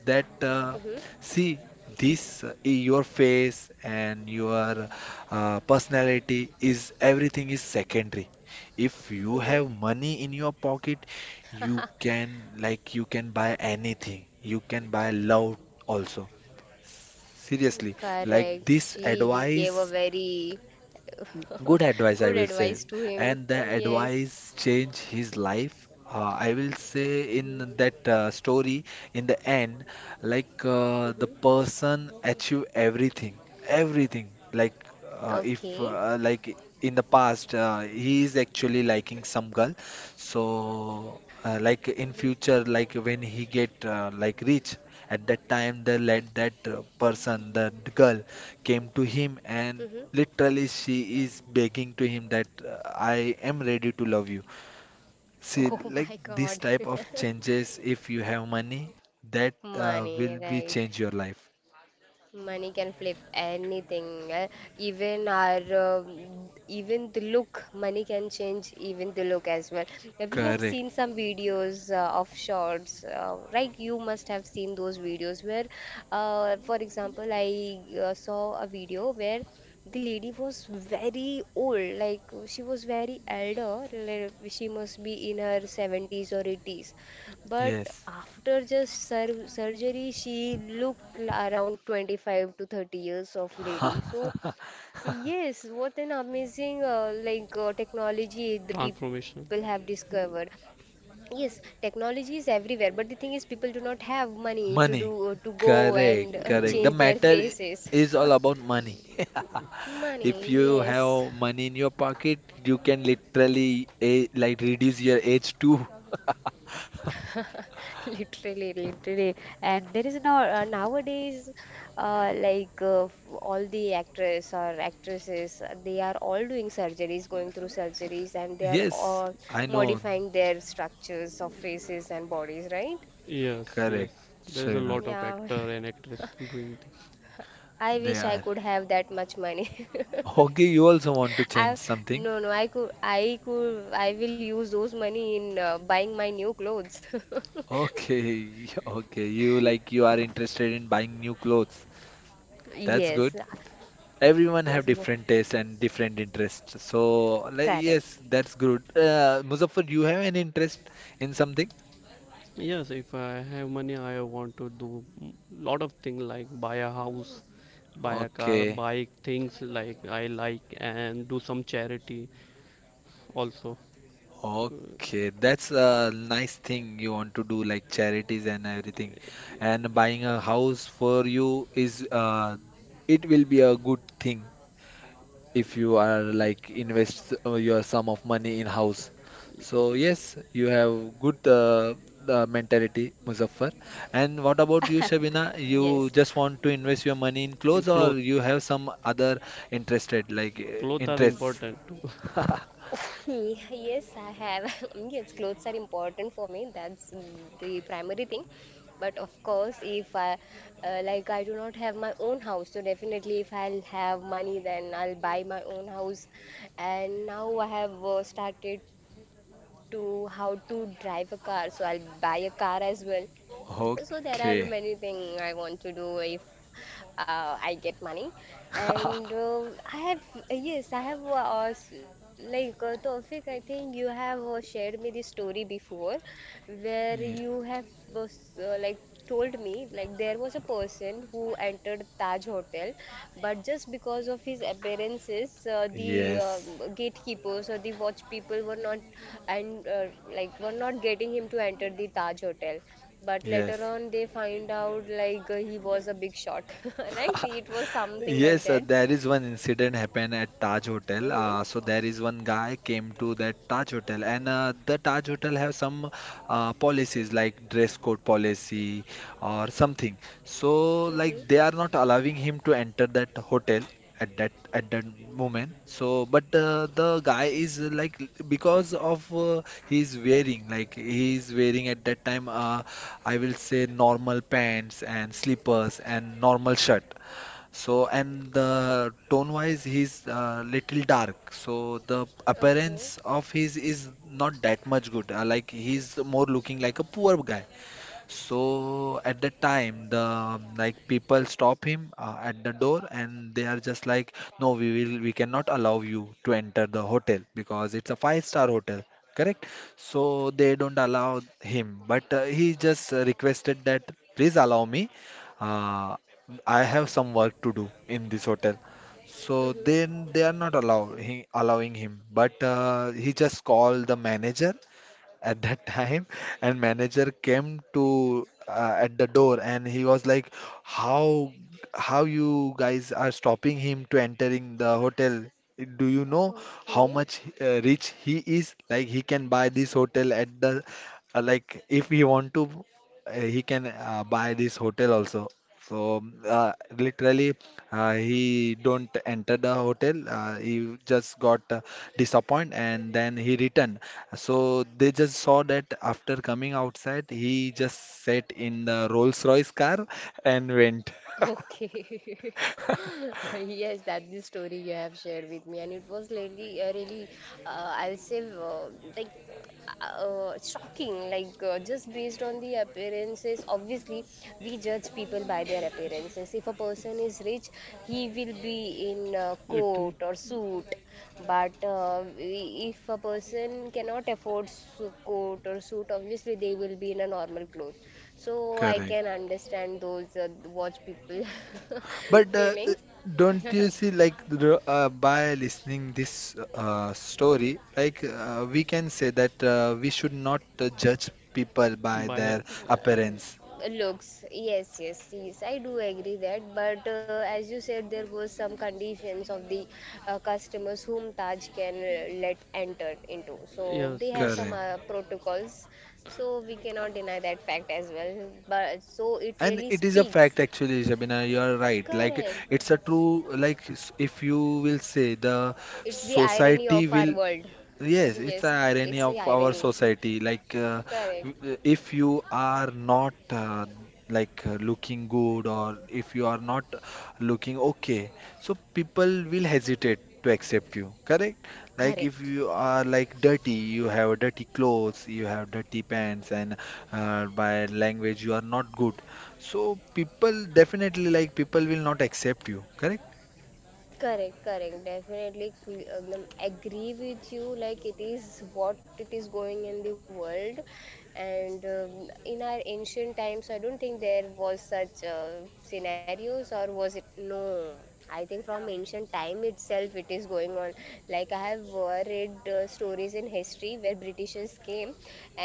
Speaker 1: that
Speaker 2: Mm-hmm.
Speaker 1: see, this your face and your personality is everything is secondary. If you
Speaker 2: Mm-hmm.
Speaker 1: have money in your pocket, you can, like, you can buy anything. You can buy love also. Seriously, like
Speaker 2: Correct.
Speaker 1: this
Speaker 2: She gave a
Speaker 1: advice,
Speaker 2: very
Speaker 1: good
Speaker 2: good
Speaker 1: advice, I will
Speaker 2: advice
Speaker 1: say.
Speaker 2: to him.
Speaker 1: And the
Speaker 2: Yes.
Speaker 1: advice changed his life. I will say
Speaker 2: Mhm.
Speaker 1: in that story, in the end, like,
Speaker 2: Mhm.
Speaker 1: the person achieve everything, everything. Like, if
Speaker 2: Okay.
Speaker 1: like, in the past, he is actually liking some girl. So
Speaker 2: Mhm.
Speaker 1: like in future, like when he get like rich, at that time they let that person, that girl, came to him,
Speaker 2: Mhm.
Speaker 1: and literally, she is begging to him that I am ready to love you. See,
Speaker 2: Oh my
Speaker 1: like
Speaker 2: God.
Speaker 1: this type of changes, if you have money, that
Speaker 2: Money,
Speaker 1: will be
Speaker 2: right?
Speaker 1: change your life.
Speaker 2: Money can flip anything, even our, even the look. Money can change even the look as well. We have
Speaker 1: Correct.
Speaker 2: seen some videos of shorts, right? You must have seen those videos where, for example, I saw a video where the lady was very old, like she was very elder. Like, she must be in her 70s or 80s, but
Speaker 1: Yes.
Speaker 2: after just surgery, she looked around 25 to 30 years of lady. So yes, what an amazing like technology the people have
Speaker 3: Transformation.
Speaker 2: discovered. Yes, technology is everywhere, but the thing is, people do not have money to do,
Speaker 1: Money.
Speaker 2: to go and
Speaker 1: Correct.
Speaker 2: change
Speaker 1: Correct. The
Speaker 2: their
Speaker 3: uh,
Speaker 1: matter
Speaker 2: faces.
Speaker 1: is all about money.
Speaker 2: Money,
Speaker 1: If you
Speaker 2: yes.
Speaker 1: have money in your pocket, you can literally a like reduce your age too.
Speaker 2: Literally, literally, and there is now, nowadays, like all the actors or actresses, they are all doing surgeries, going through surgeries, and they are
Speaker 1: Yes,
Speaker 2: all
Speaker 1: I know.
Speaker 2: modifying their structures of faces and bodies, right?
Speaker 3: yes, yes,
Speaker 1: Correct,
Speaker 3: there is a
Speaker 1: Shavina.
Speaker 3: lot of
Speaker 2: Yeah,
Speaker 3: actor and actress doing this.
Speaker 2: I
Speaker 1: They
Speaker 2: wish I
Speaker 1: are.
Speaker 2: could have that much money.
Speaker 1: Okay, you also want to
Speaker 2: I
Speaker 1: change something.
Speaker 2: No, no, I will use those money in buying my new clothes.
Speaker 1: Okay, okay. You, like, you are interested in buying new clothes. That's
Speaker 2: Yes,
Speaker 1: good. Everyone
Speaker 2: yes,
Speaker 1: have different tastes and different interests. So, like,
Speaker 2: correct.
Speaker 1: yes, that's good. Muzaffar, you have an interest in something?
Speaker 3: Yes, if I have money, I want to do m- lot of things like buy a house, buy a car,
Speaker 1: Okay.
Speaker 3: buy things like I like, and do some charity also.
Speaker 1: Okay, that's a nice thing you want to do, like charities and everything. And buying a house for you is it will be a good thing if you are like invest your sum of money in house. So yes, you have good mentality, Muzaffar. And what about you, Shabina? You
Speaker 2: Yes.
Speaker 1: just want to invest your money in clothes, or you have some other interested like
Speaker 3: Clothes are
Speaker 1: interests?
Speaker 3: important too.
Speaker 2: Yes, I have. Yes, clothes are important for me. That's the primary thing. But of course, if I like, I do not have my own house. So definitely, if I'll have money, then I'll buy my own house. And now I have started to how to drive a car. So I'll buy a car as well. So there are
Speaker 1: Okay.
Speaker 2: many things I want to do if I get money. And I have, yes, I have, Tawfiq, I think you have shared me this story before where
Speaker 1: Yes.
Speaker 2: you have, uh, s- uh, like, told me, like, there was a person who entered Taj Hotel but just because of his appearances, the
Speaker 1: Yes.
Speaker 2: gatekeepers or the watch people were not and like were not getting him to enter the Taj Hotel. But later
Speaker 1: Yes.
Speaker 2: on, they find out like he was a big shot, right? It was something like
Speaker 1: Yes,
Speaker 2: that.
Speaker 1: there is one incident happened at Taj Hotel. So
Speaker 2: Mm-hmm.
Speaker 1: there is one guy came to that Taj Hotel, and the Taj Hotel have some policies like dress code policy or something. So like
Speaker 2: Mm-hmm.
Speaker 1: they are not allowing him to enter that hotel at that moment. So but the guy is like, because of he is wearing at that time I will say normal pants and slippers and normal shirt. So, and the tone-wise, he's little dark. So the
Speaker 2: Okay.
Speaker 1: appearance of his is not that much good. Like he's more looking like a poor guy. So at that time, the like, people stop him at the door, and they are just like, no, we cannot allow you to enter the hotel because it's a five-star hotel, correct? So they don't allow him, but he just requested that please allow me. Uh, I have some work to do in this hotel. So
Speaker 2: Mm-hmm.
Speaker 1: then they are not allow, he, allowing him, but he just called the manager at that time, and manager came to at the door, and he was like, how how you guys are stopping him to entering the hotel? Do you know how
Speaker 2: Okay.
Speaker 1: much rich he is? Like, he can buy this hotel at the like, if he want to, he can buy this hotel also. So literally, he don't enter the hotel. He just got disappointed, and then he returned. So they just saw that after coming outside, he just sat in the Rolls-Royce car and went.
Speaker 2: Okay. Yes, that the story you have shared with me, and it was really, really, I'll say, like, shocking. Like, just based on the appearances, obviously, we judge people by their appearances. If a person is rich, he will be in a
Speaker 3: It, don't you
Speaker 2: coat or
Speaker 3: see,
Speaker 2: suit. But if a person cannot afford su coat or suit, obviously, they will be in a normal clothes. So I
Speaker 1: Correct.
Speaker 2: can understand those watch people
Speaker 1: But
Speaker 2: feelings.
Speaker 1: don't you see, like, by listening this story, like, we can say that we should not judge people
Speaker 3: by
Speaker 1: by
Speaker 3: by a,
Speaker 1: their
Speaker 3: their appearance.
Speaker 1: appearance.
Speaker 2: Looks, yes, yes, yes, I do agree that. But as you said, there was some conditions of the customers whom Taj can let enter into. So
Speaker 3: Yes,
Speaker 2: they have some
Speaker 1: Correct.
Speaker 2: protocols. So we cannot deny that fact as well. But so it
Speaker 1: And
Speaker 2: really
Speaker 1: it is a fact
Speaker 2: speaks.
Speaker 1: actually, Shabina, you are right. Like,
Speaker 2: Correct.
Speaker 1: it's a true, like, if you will say the
Speaker 2: It's the irony
Speaker 1: society
Speaker 2: of our
Speaker 1: will,
Speaker 2: world.
Speaker 1: yes, it's a
Speaker 2: Yes,
Speaker 1: irony
Speaker 2: it's the
Speaker 1: of our
Speaker 2: irony.
Speaker 1: society. Like,
Speaker 2: Correct.
Speaker 1: if you are not like, looking good, or if you are not looking okay, so people will hesitate to accept you. Correct? Like, if
Speaker 2: Correct.
Speaker 1: you are like dirty, you have dirty clothes, you have dirty pants, and by language you are not good. So people definitely like people will not accept you. Correct?
Speaker 2: Correct, correct. Definitely agree with you. Like it is what it is going in the world, and in our ancient times, I don't think there was such scenarios, or was it? No, I think from ancient time itself, it is going on. Like I have read stories in history where Britishers came,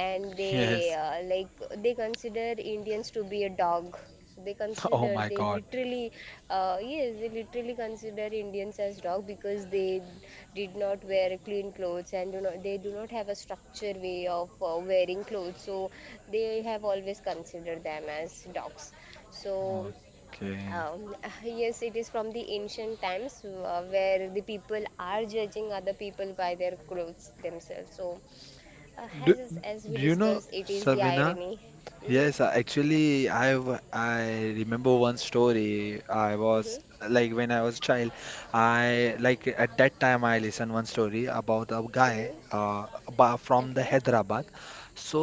Speaker 2: and they
Speaker 1: Yes.
Speaker 2: uh, like they consider Indians to be a dog. So they
Speaker 1: Oh
Speaker 2: consider
Speaker 1: my
Speaker 2: they
Speaker 1: God.
Speaker 2: literally yes they literally consider Indians as dog because they did not wear clean clothes and do not have a structured way of wearing clothes. So they have always considered them as dogs. So.
Speaker 1: Okay.
Speaker 2: Um, yes, it is from the ancient times where the people are judging other people by their clothes themselves. So, uh,
Speaker 1: Do,
Speaker 2: as as we
Speaker 1: do you know,
Speaker 2: discussed, it is the
Speaker 1: Sabina?
Speaker 2: irony. Mm-hmm,
Speaker 1: Yes, actually, I remember one story. I was,
Speaker 2: mm-hmm,
Speaker 1: like, when I was child, I like at that time I listened one story about a guy
Speaker 2: mm-hmm. Okay.
Speaker 1: from the Hyderabad. So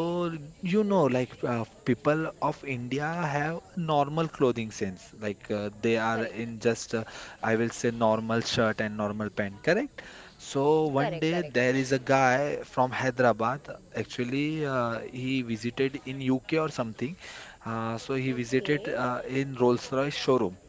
Speaker 2: Mm-hmm.
Speaker 1: you know, like, people of India have normal clothing sense. Like, they are
Speaker 2: Correct.
Speaker 1: in just I will say normal shirt and normal pant, correct? So one
Speaker 2: Correct,
Speaker 1: day
Speaker 2: correct.
Speaker 1: there is a guy from Hyderabad. Actually, he visited in UK or something. So he visited
Speaker 2: Okay.
Speaker 1: in Rolls-Royce showroom.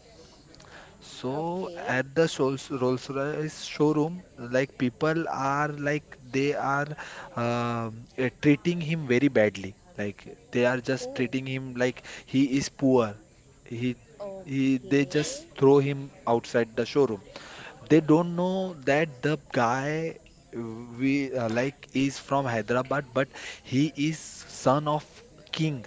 Speaker 1: So
Speaker 2: Okay.
Speaker 1: at the Rolls-Royce showroom, like people are like they are treating him very badly. Like, they are just
Speaker 2: Oh,
Speaker 1: treating him like he is poor. He he they
Speaker 2: okay.
Speaker 1: just throw him outside the showroom. They don't know that the guy we like is from Hyderabad, but he is son of king.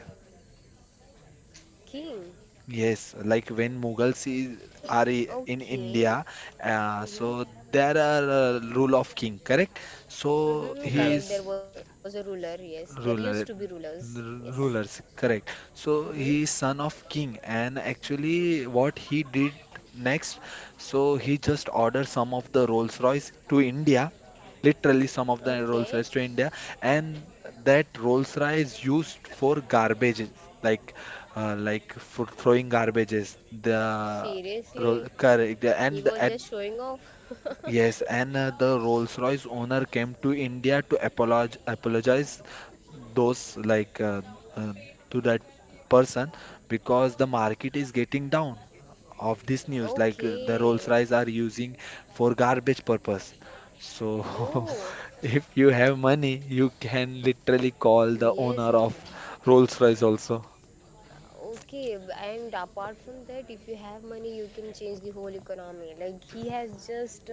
Speaker 2: King.
Speaker 1: Yes, like when are in
Speaker 2: Okay.
Speaker 1: India,
Speaker 2: Mm-hmm.
Speaker 1: so there are rule of king, correct? So
Speaker 2: Mm-hmm.
Speaker 1: he
Speaker 2: Correct.
Speaker 1: is,
Speaker 2: There
Speaker 3: yes,
Speaker 2: was a ruler. Yes. There used to be
Speaker 1: Ruler,
Speaker 2: rulers. Yes.
Speaker 1: rulers, correct.
Speaker 2: Mm-hmm.
Speaker 1: So he is son of king, and actually, what he did next, so he just ordered some of the Rolls Royce to India, literally some of the
Speaker 2: Okay.
Speaker 1: Rolls Royce to India, and that Rolls Royce used for garbages, like, like, for throwing garbages. The
Speaker 2: Seriously.
Speaker 1: Roll, correct.
Speaker 2: He
Speaker 1: And
Speaker 2: was
Speaker 1: at,
Speaker 2: just showing off.
Speaker 1: yes, and the Rolls-Royce owner came to India to apologize those uh, to that person, because the market is getting down of this news. Like, the
Speaker 2: Okay.
Speaker 1: Rolls-Royce are using for garbage purpose. So
Speaker 2: Oh,
Speaker 1: if you have money, you can literally call the
Speaker 2: yes.
Speaker 1: owner of Rolls-Royce also.
Speaker 2: And apart from that, if you have money, you can change the whole economy. Like he has just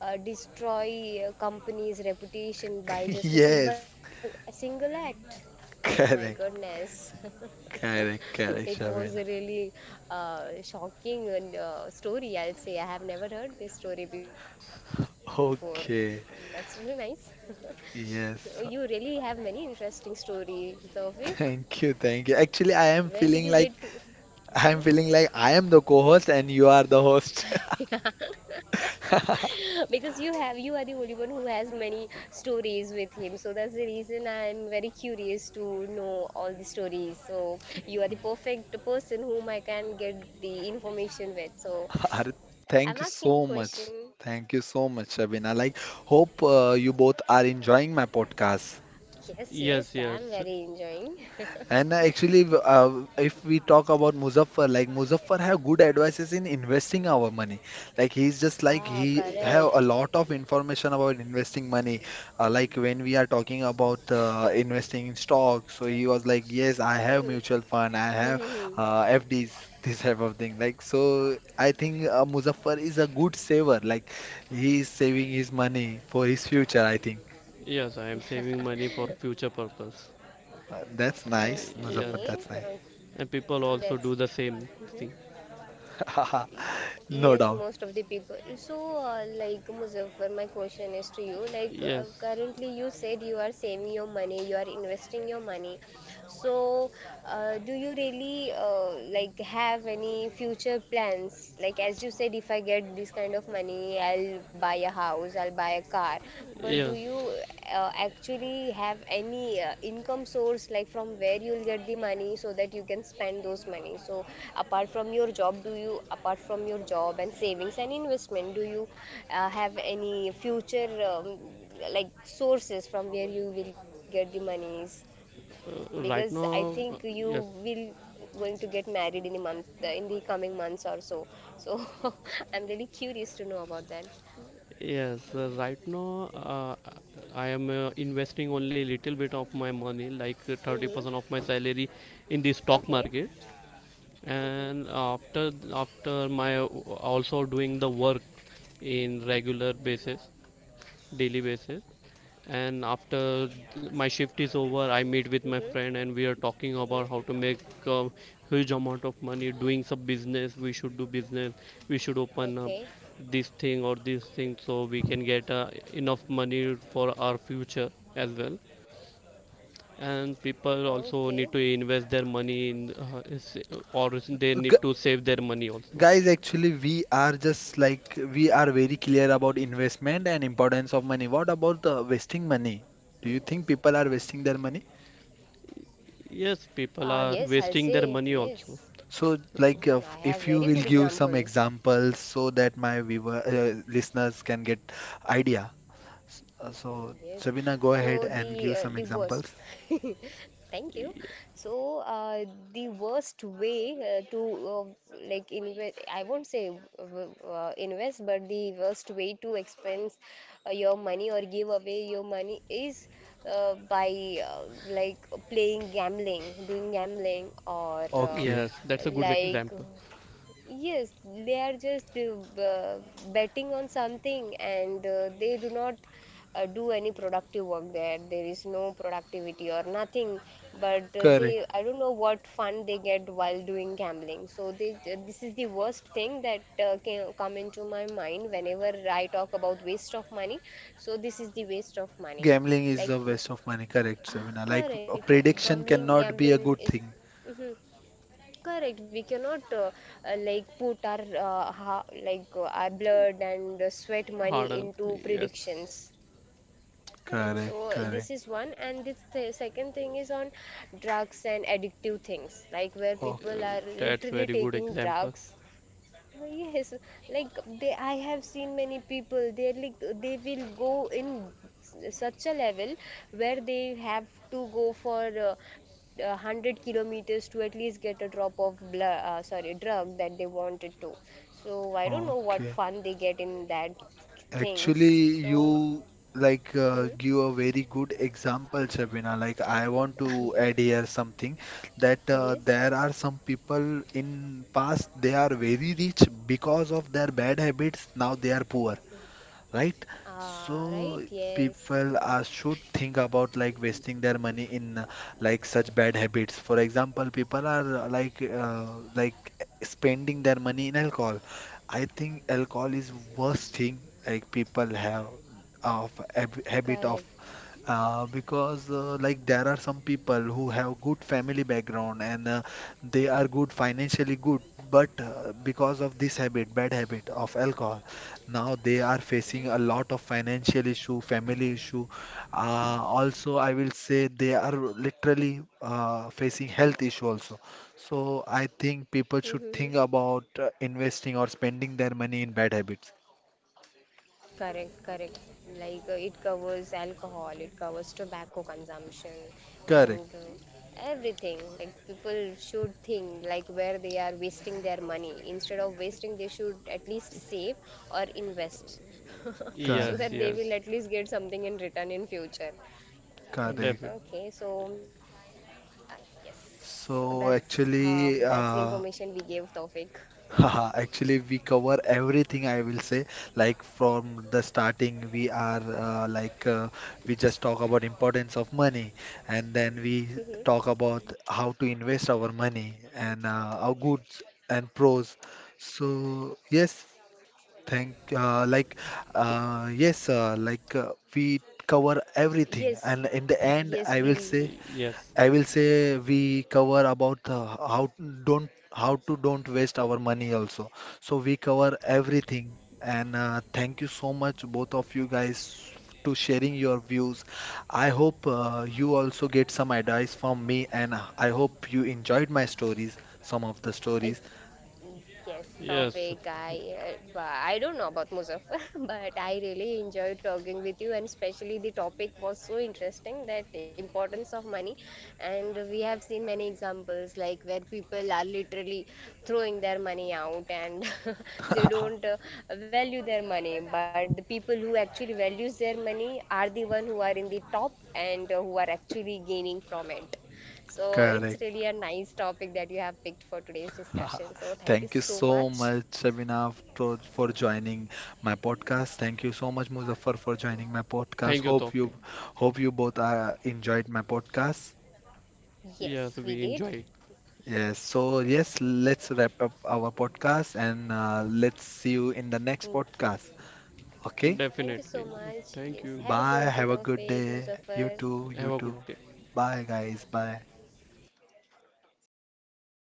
Speaker 2: destroy a company's reputation by just a simple
Speaker 1: Yes,
Speaker 2: a single act. Oh my
Speaker 1: correct,
Speaker 2: goodness.
Speaker 1: correct,
Speaker 2: It
Speaker 1: correct,
Speaker 2: was a
Speaker 1: Shabana.
Speaker 2: really shocking and, story, I'll say. I have never heard this story before. That's really nice.
Speaker 1: Okay,
Speaker 2: You really have
Speaker 1: yes.
Speaker 2: many interesting stories, Tawfiq.
Speaker 1: Thank you.
Speaker 2: Where
Speaker 1: Actually,
Speaker 2: did you get to?
Speaker 1: I am feeling like I am
Speaker 2: Mhm.
Speaker 1: the co-host and you are the host.
Speaker 2: Because you are the only one who has many stories with him, so that's the reason I'm very curious to know all the stories. So you are the perfect person whom I can get the information with. So
Speaker 1: Ar-
Speaker 2: I'm
Speaker 1: Thank you
Speaker 2: asking you
Speaker 1: so
Speaker 2: a question.
Speaker 1: much. Thank you so much, Shabina. Like, hope you both are enjoying my podcast.
Speaker 2: Yes, yes,
Speaker 3: yes,
Speaker 2: I'm
Speaker 3: yes,
Speaker 2: very enjoying.
Speaker 1: And actually, if we talk about Muzaffar, like Muzaffar have good advices in investing our money. Like, he's just like
Speaker 2: Ah,
Speaker 1: he have
Speaker 2: correct.
Speaker 1: a lot of information about investing money. Like, when we are talking about investing in stocks, so he was like, yes, I have mutual fund, I have
Speaker 2: Mhm.
Speaker 1: FDs, this type of thing. Like, so I think Muzaffar is a good saver. Like, he is saving his money for his future. I think
Speaker 3: yes. I am saving money for future purpose.
Speaker 1: that's nice,
Speaker 3: Yes,
Speaker 1: Muzaffar.
Speaker 2: Okay,
Speaker 1: That's nice.
Speaker 3: and
Speaker 2: okay,
Speaker 3: people also
Speaker 2: that's
Speaker 3: do the same
Speaker 2: mhm.
Speaker 3: thing.
Speaker 2: Y-
Speaker 1: No
Speaker 2: yes,
Speaker 1: doubt.
Speaker 2: most of the people. So, like Muzaffar, my question is to you. Like,
Speaker 3: Yes,
Speaker 2: currently you said you are saving your money, you are investing your money. So, do you really like have any future plans? Like, as you said, if I get this kind of money, I'll buy a house, I'll buy a car. But do
Speaker 3: yes.
Speaker 2: you actually have any income source like from where you'll get the money so that you can spend those money? So apart from your job and savings and investment, do you have any future like sources from where you will get the monies, because
Speaker 3: Right
Speaker 2: I
Speaker 3: now,
Speaker 2: think you
Speaker 3: yes,
Speaker 2: will going to get married in the coming months or so. So I'm really curious to know about that.
Speaker 3: yes. Right now, I am investing only little bit of my money, like 30% of
Speaker 2: Hmm,
Speaker 3: my salary, in the stock
Speaker 2: okay,
Speaker 3: market. And
Speaker 2: hmm,
Speaker 3: after my also doing the work in regular basis, daily basis, and after my shift is over. I meet with my friend and
Speaker 2: hmm,
Speaker 3: we are talking about how to
Speaker 2: hmm.
Speaker 3: make a huge amount of money doing some business. We should do business,
Speaker 2: Okay.
Speaker 3: we should open up this thing or this thing so we can get enough money for our future as well. And people
Speaker 2: Okay.
Speaker 3: also need to invest their money or they need
Speaker 1: Gu-
Speaker 3: to save their money also.
Speaker 1: Guys, actually, we are very clear about investment and importance of money. What about the wasting money? Do you think people are wasting their money?
Speaker 3: Yes, people are
Speaker 2: Yes, I'll
Speaker 3: wasting their
Speaker 2: say
Speaker 3: money also.
Speaker 2: yes.
Speaker 1: So, like,
Speaker 2: Mm, I have
Speaker 1: if you
Speaker 2: very
Speaker 1: will
Speaker 2: good
Speaker 1: give some
Speaker 2: examples.
Speaker 1: examples so that my viewer listeners can get idea. So,
Speaker 2: Yes.
Speaker 1: Sabina, go
Speaker 2: So
Speaker 1: ahead and
Speaker 2: the
Speaker 1: give some
Speaker 2: worst.
Speaker 1: examples.
Speaker 2: Thank you.
Speaker 3: Y-
Speaker 2: So the worst way to uh, like invest. I won't say invest, but the worst way to expense your money or give away your money is by like playing gambling, doing gambling or.
Speaker 1: Okay,
Speaker 3: yes, that's a good
Speaker 2: Like
Speaker 3: example.
Speaker 2: Yes, they are just betting on something and they do not do any productive work there. There is no productivity or nothing, but
Speaker 1: correct.
Speaker 2: they I don't know what fun they get while doing gambling. So they, this is the worst thing that can come into my mind whenever I talk about waste of money. So this is the waste of money.
Speaker 1: Gambling is
Speaker 2: Like,
Speaker 1: a waste of money.
Speaker 2: ah,
Speaker 1: Correct, Sabina.
Speaker 2: correct.
Speaker 1: Like, a
Speaker 2: Gambling,
Speaker 1: prediction
Speaker 2: gambling
Speaker 1: cannot be
Speaker 2: is.
Speaker 1: a good thing.
Speaker 2: Correct. We cannot put our ha like our blood and sweat money
Speaker 3: Harder.
Speaker 2: into
Speaker 3: Yes.
Speaker 2: predictions. Correct.
Speaker 1: Correct,
Speaker 2: So this
Speaker 1: correct.
Speaker 2: is one, and this th second thing is on drugs and addictive things, like where people
Speaker 1: Okay.
Speaker 2: are
Speaker 3: That's
Speaker 2: literally
Speaker 3: very good
Speaker 2: taking
Speaker 3: example.
Speaker 2: drugs. Oh, yes, like they, I have seen many people. They like they will go in s- such a level where they have to go for 100 kilometers to at least get a drop of blood, sorry, drug that they wanted to. So I don't know what
Speaker 1: Okay.
Speaker 2: fun they get in that things.
Speaker 1: Actually,
Speaker 2: So
Speaker 1: you like
Speaker 2: mhm.
Speaker 1: give a very good example, Shabina. Like, I want to add here something that
Speaker 2: Yes,
Speaker 1: there are some people in past they are very rich because of their bad habits. Now they are poor, right?
Speaker 2: ah, right,
Speaker 1: So
Speaker 2: yes,
Speaker 1: people are should think about like wasting their money in like such bad habits. For example, people are like, spending their money in alcohol. I think alcohol is worst thing like people have of habit
Speaker 2: correct.
Speaker 1: of, because like, there are some people who have good family background and they are good financially good, but because of this habit bad habit of alcohol, now they are facing a lot of financial issue, family issue. Also, I will say they are literally facing health issue also. So I think people should think about investing or spending their money in bad habits.
Speaker 2: Correct, correct. Like it covers alcohol, it covers tobacco consumption,
Speaker 1: Correct,
Speaker 2: and everything. Like people should think like where they are wasting their money. Instead of wasting, they should at least save or invest, so
Speaker 3: Yes,
Speaker 2: that
Speaker 1: correct
Speaker 2: they will
Speaker 3: yes.
Speaker 2: at least get something in return in future.
Speaker 1: correct.
Speaker 3: Definitely.
Speaker 2: Okay, so uh, yes, so
Speaker 1: So
Speaker 2: that's
Speaker 1: actually,
Speaker 2: the information we gave Tawfiq.
Speaker 1: haha, actually, we cover everything, I will say. Like, from the starting, we are we just talk about importance of money, and then we
Speaker 2: Mhm.
Speaker 1: talk about how to invest our money and our goods and pros. So yes, thank like yes, like we cover everything,
Speaker 2: Yes,
Speaker 1: and in the end,
Speaker 2: yes,
Speaker 1: I will
Speaker 2: we.
Speaker 1: say.
Speaker 3: Yes.
Speaker 1: I will say we cover about the how don't how to don't waste our money also. So we cover everything. And thank you so much, both of you guys, to sharing your views. I hope you also get some advice from me, and I hope you enjoyed my stories, some of the
Speaker 2: Uh,
Speaker 1: stories.
Speaker 2: Yes,
Speaker 3: Yes.
Speaker 2: Tawfiq, I, but I don't know about Muzaffar, but I really enjoy talking with you, and especially the topic was so interesting, that importance of money, and we have seen many examples like where people are literally throwing their money out and they don't value their money, but the people who actually values their money are the one who are in the top and who are actually gaining from it. So
Speaker 1: Correct.
Speaker 2: it's really a nice topic that you have picked for today's discussion. So
Speaker 1: Thank you
Speaker 2: thank you so
Speaker 1: so much,
Speaker 2: much.
Speaker 1: Shabina, for joining my podcast. Thank you so much, Muzaffar, for joining my podcast.
Speaker 3: Thank you, Tawfiq.
Speaker 1: Hope you both enjoyed my podcast.
Speaker 3: Yes,
Speaker 2: Yes,
Speaker 3: we
Speaker 2: we
Speaker 3: enjoy it.
Speaker 2: did.
Speaker 1: Yes, so
Speaker 2: Yeah.
Speaker 1: yes, let's wrap up our podcast, and let's see you in the next
Speaker 2: Mm,
Speaker 1: podcast. Okay,
Speaker 2: yes. Thank
Speaker 3: Definitely.
Speaker 2: you so much.
Speaker 3: Thank you.
Speaker 2: Yes. Have a
Speaker 1: bye. Have a
Speaker 2: good day,
Speaker 1: good day.
Speaker 2: Tawfiq,
Speaker 1: You
Speaker 2: Muzaffar.
Speaker 1: too. You
Speaker 3: Have a good
Speaker 1: too.
Speaker 3: day.
Speaker 1: Bye, guys. Bye.